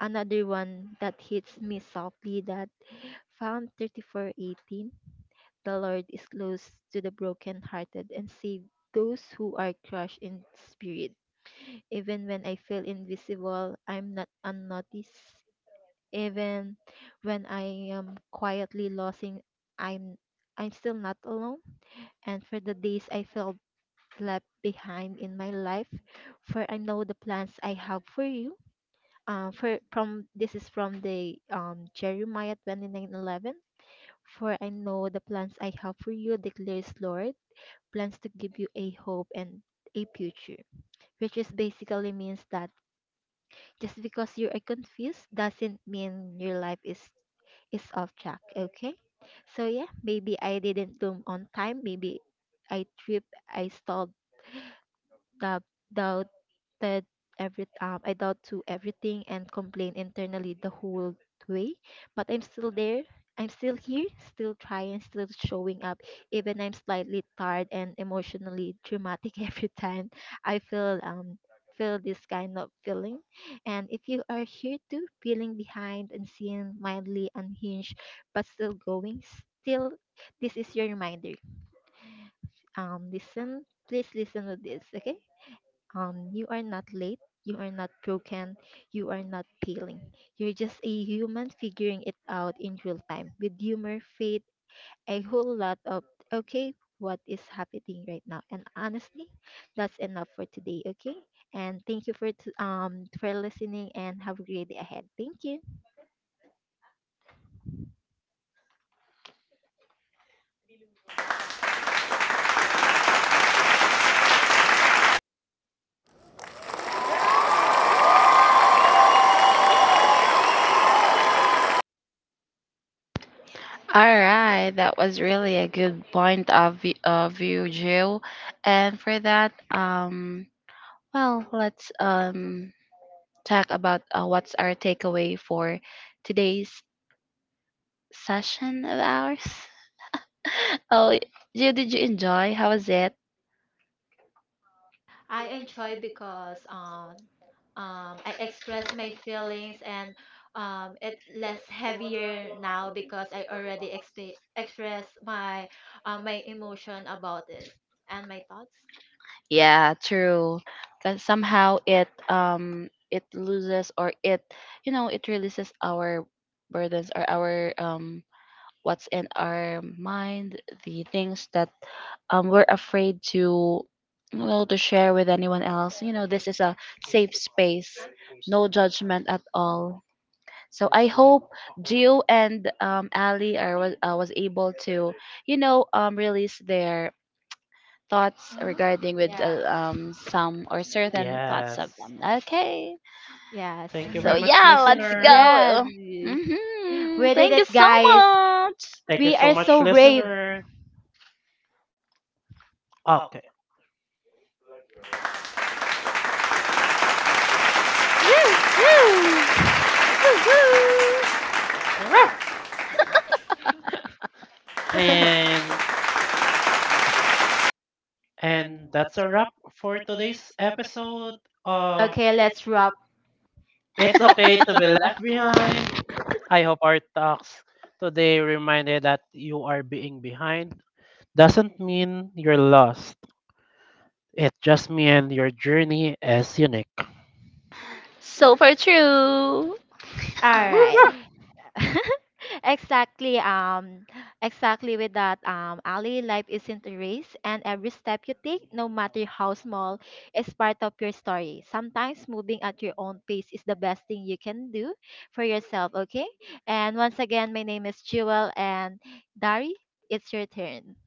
S3: another one that hits me softly, that found 34:18. The Lord is close to the brokenhearted and save those who are crushed in spirit. Even when I feel invisible, I'm not unnoticed. Even when I am quietly losing, I'm I'm still not alone. And for the days I felt left behind in my life, "For I know the plans I have for you," for from this is from the Jeremiah 29:11, "For I know the plans I have for you, declares Lord, plans to give you a hope and a future," which is basically means that just because you are confused doesn't mean your life is off track. Okay. So yeah, maybe I didn't bloom on time. Maybe I tripped, I stalled, doubt, doubted every, I doubt to everything and complain internally the whole way. But I'm still there. I'm still here, still trying, still showing up. Even I'm slightly tired and emotionally dramatic every time I feel, this kind of feeling. And if you are here too, feeling behind and seeing mildly unhinged but still going, still, this is your reminder. Please listen to this, okay? You are not late, you are not broken, you are not failing. You're just a human figuring it out in real time with humor, faith, a whole lot of, okay, what is happening right now. And honestly, that's enough for today, okay? And thank you for for listening and have a great day ahead. Thank you.
S1: All right, that was really a good point of view, Jill. And for that, well, let's talk about what's our takeaway for today's session of ours. oh, Jill, did you enjoy? How was it?
S3: I enjoy because, I express my feelings and, it's less heavier now because I already express my, my emotion about it and my thoughts.
S1: Yeah, true. Because somehow it it loses or it you know it releases our burdens or our what's in our mind, the things that we're afraid to well to share with anyone else. You know, this is a safe space, no judgment at all. So I hope Gio and Ali are was able to, you know, release their thoughts
S3: Mhm.
S1: regarding with
S3: Yes.
S1: some or certain thoughts of
S2: Yes.
S1: them. Okay.
S3: Yes.
S2: Thank you
S1: So
S2: very much,
S1: yeah, let's
S2: listener.
S3: Yes.
S1: go. Mm-hmm.
S3: We did
S1: Thank you
S3: it,
S1: so
S3: guys.
S1: much.
S2: Thank you
S3: We
S2: so
S3: are
S2: much,
S3: so brave.
S2: listener. Okay.
S3: Woo! Woo!
S1: Woohoo.
S2: Rawr! And
S1: Yeah.
S2: and that's a wrap for today's episode of
S3: Okay, let's wrap.
S2: It's Okay to Be Left Behind. I hope our talks today reminded that you are being behind doesn't mean you're lost. It just means your journey is unique.
S1: Super true.
S3: All right. exactly um exactly with that, Ali, life isn't a race, and every step you take, no matter how small, is part of your story. Sometimes moving at your own pace is the best thing you can do for yourself, okay? And once again, my name is Jewel, and Dari, it's your turn.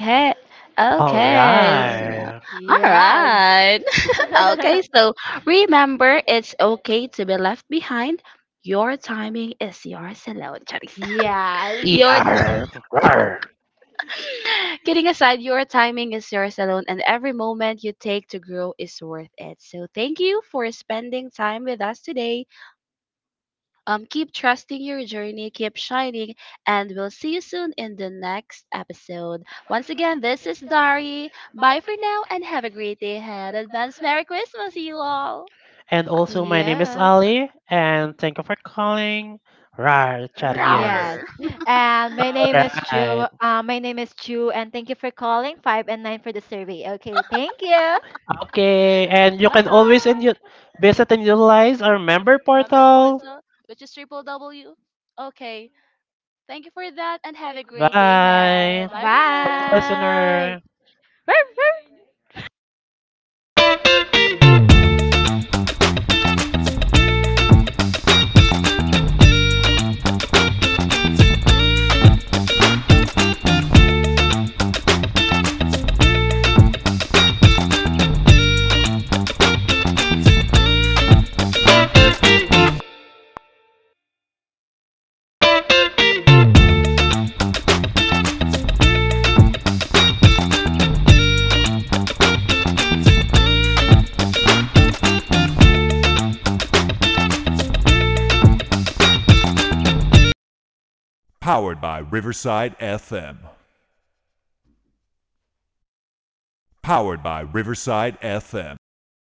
S1: Okay. All
S2: All
S1: Okay. right.
S2: right.
S1: so- All
S3: Yes.
S1: right. okay. So remember, it's okay to be left behind. Your timing is yours alone. Charis.
S3: Yes,
S1: Your Yeah.
S2: ER.
S1: kidding aside, your timing is yours alone, and every moment you take to grow is worth it. So thank you for spending time with us today. Keep trusting your journey, keep shining, and we'll see you soon in the next episode. Once again, this is Dari. Bye for now and have a great day ahead. Advance Merry Christmas, you all.
S2: And also, my name is
S3: yes.
S2: Ali, and thank you for calling RAR Charies.
S3: Yes.
S1: Roar!
S3: And my name is
S2: Right.
S3: Ju. And thank you for calling five and nine for the survey. Okay, thank you.
S2: Okay, and you
S1: Bye!
S2: can always and you
S1: Night.
S2: visit and utilize our member
S1: Member
S2: portal.
S1: portal, which is triple W. Okay. Thank you for that and have a great day
S2: Bye,
S1: ahead. Bye. Bye for now.
S3: Bye.
S2: listener.
S3: Woo!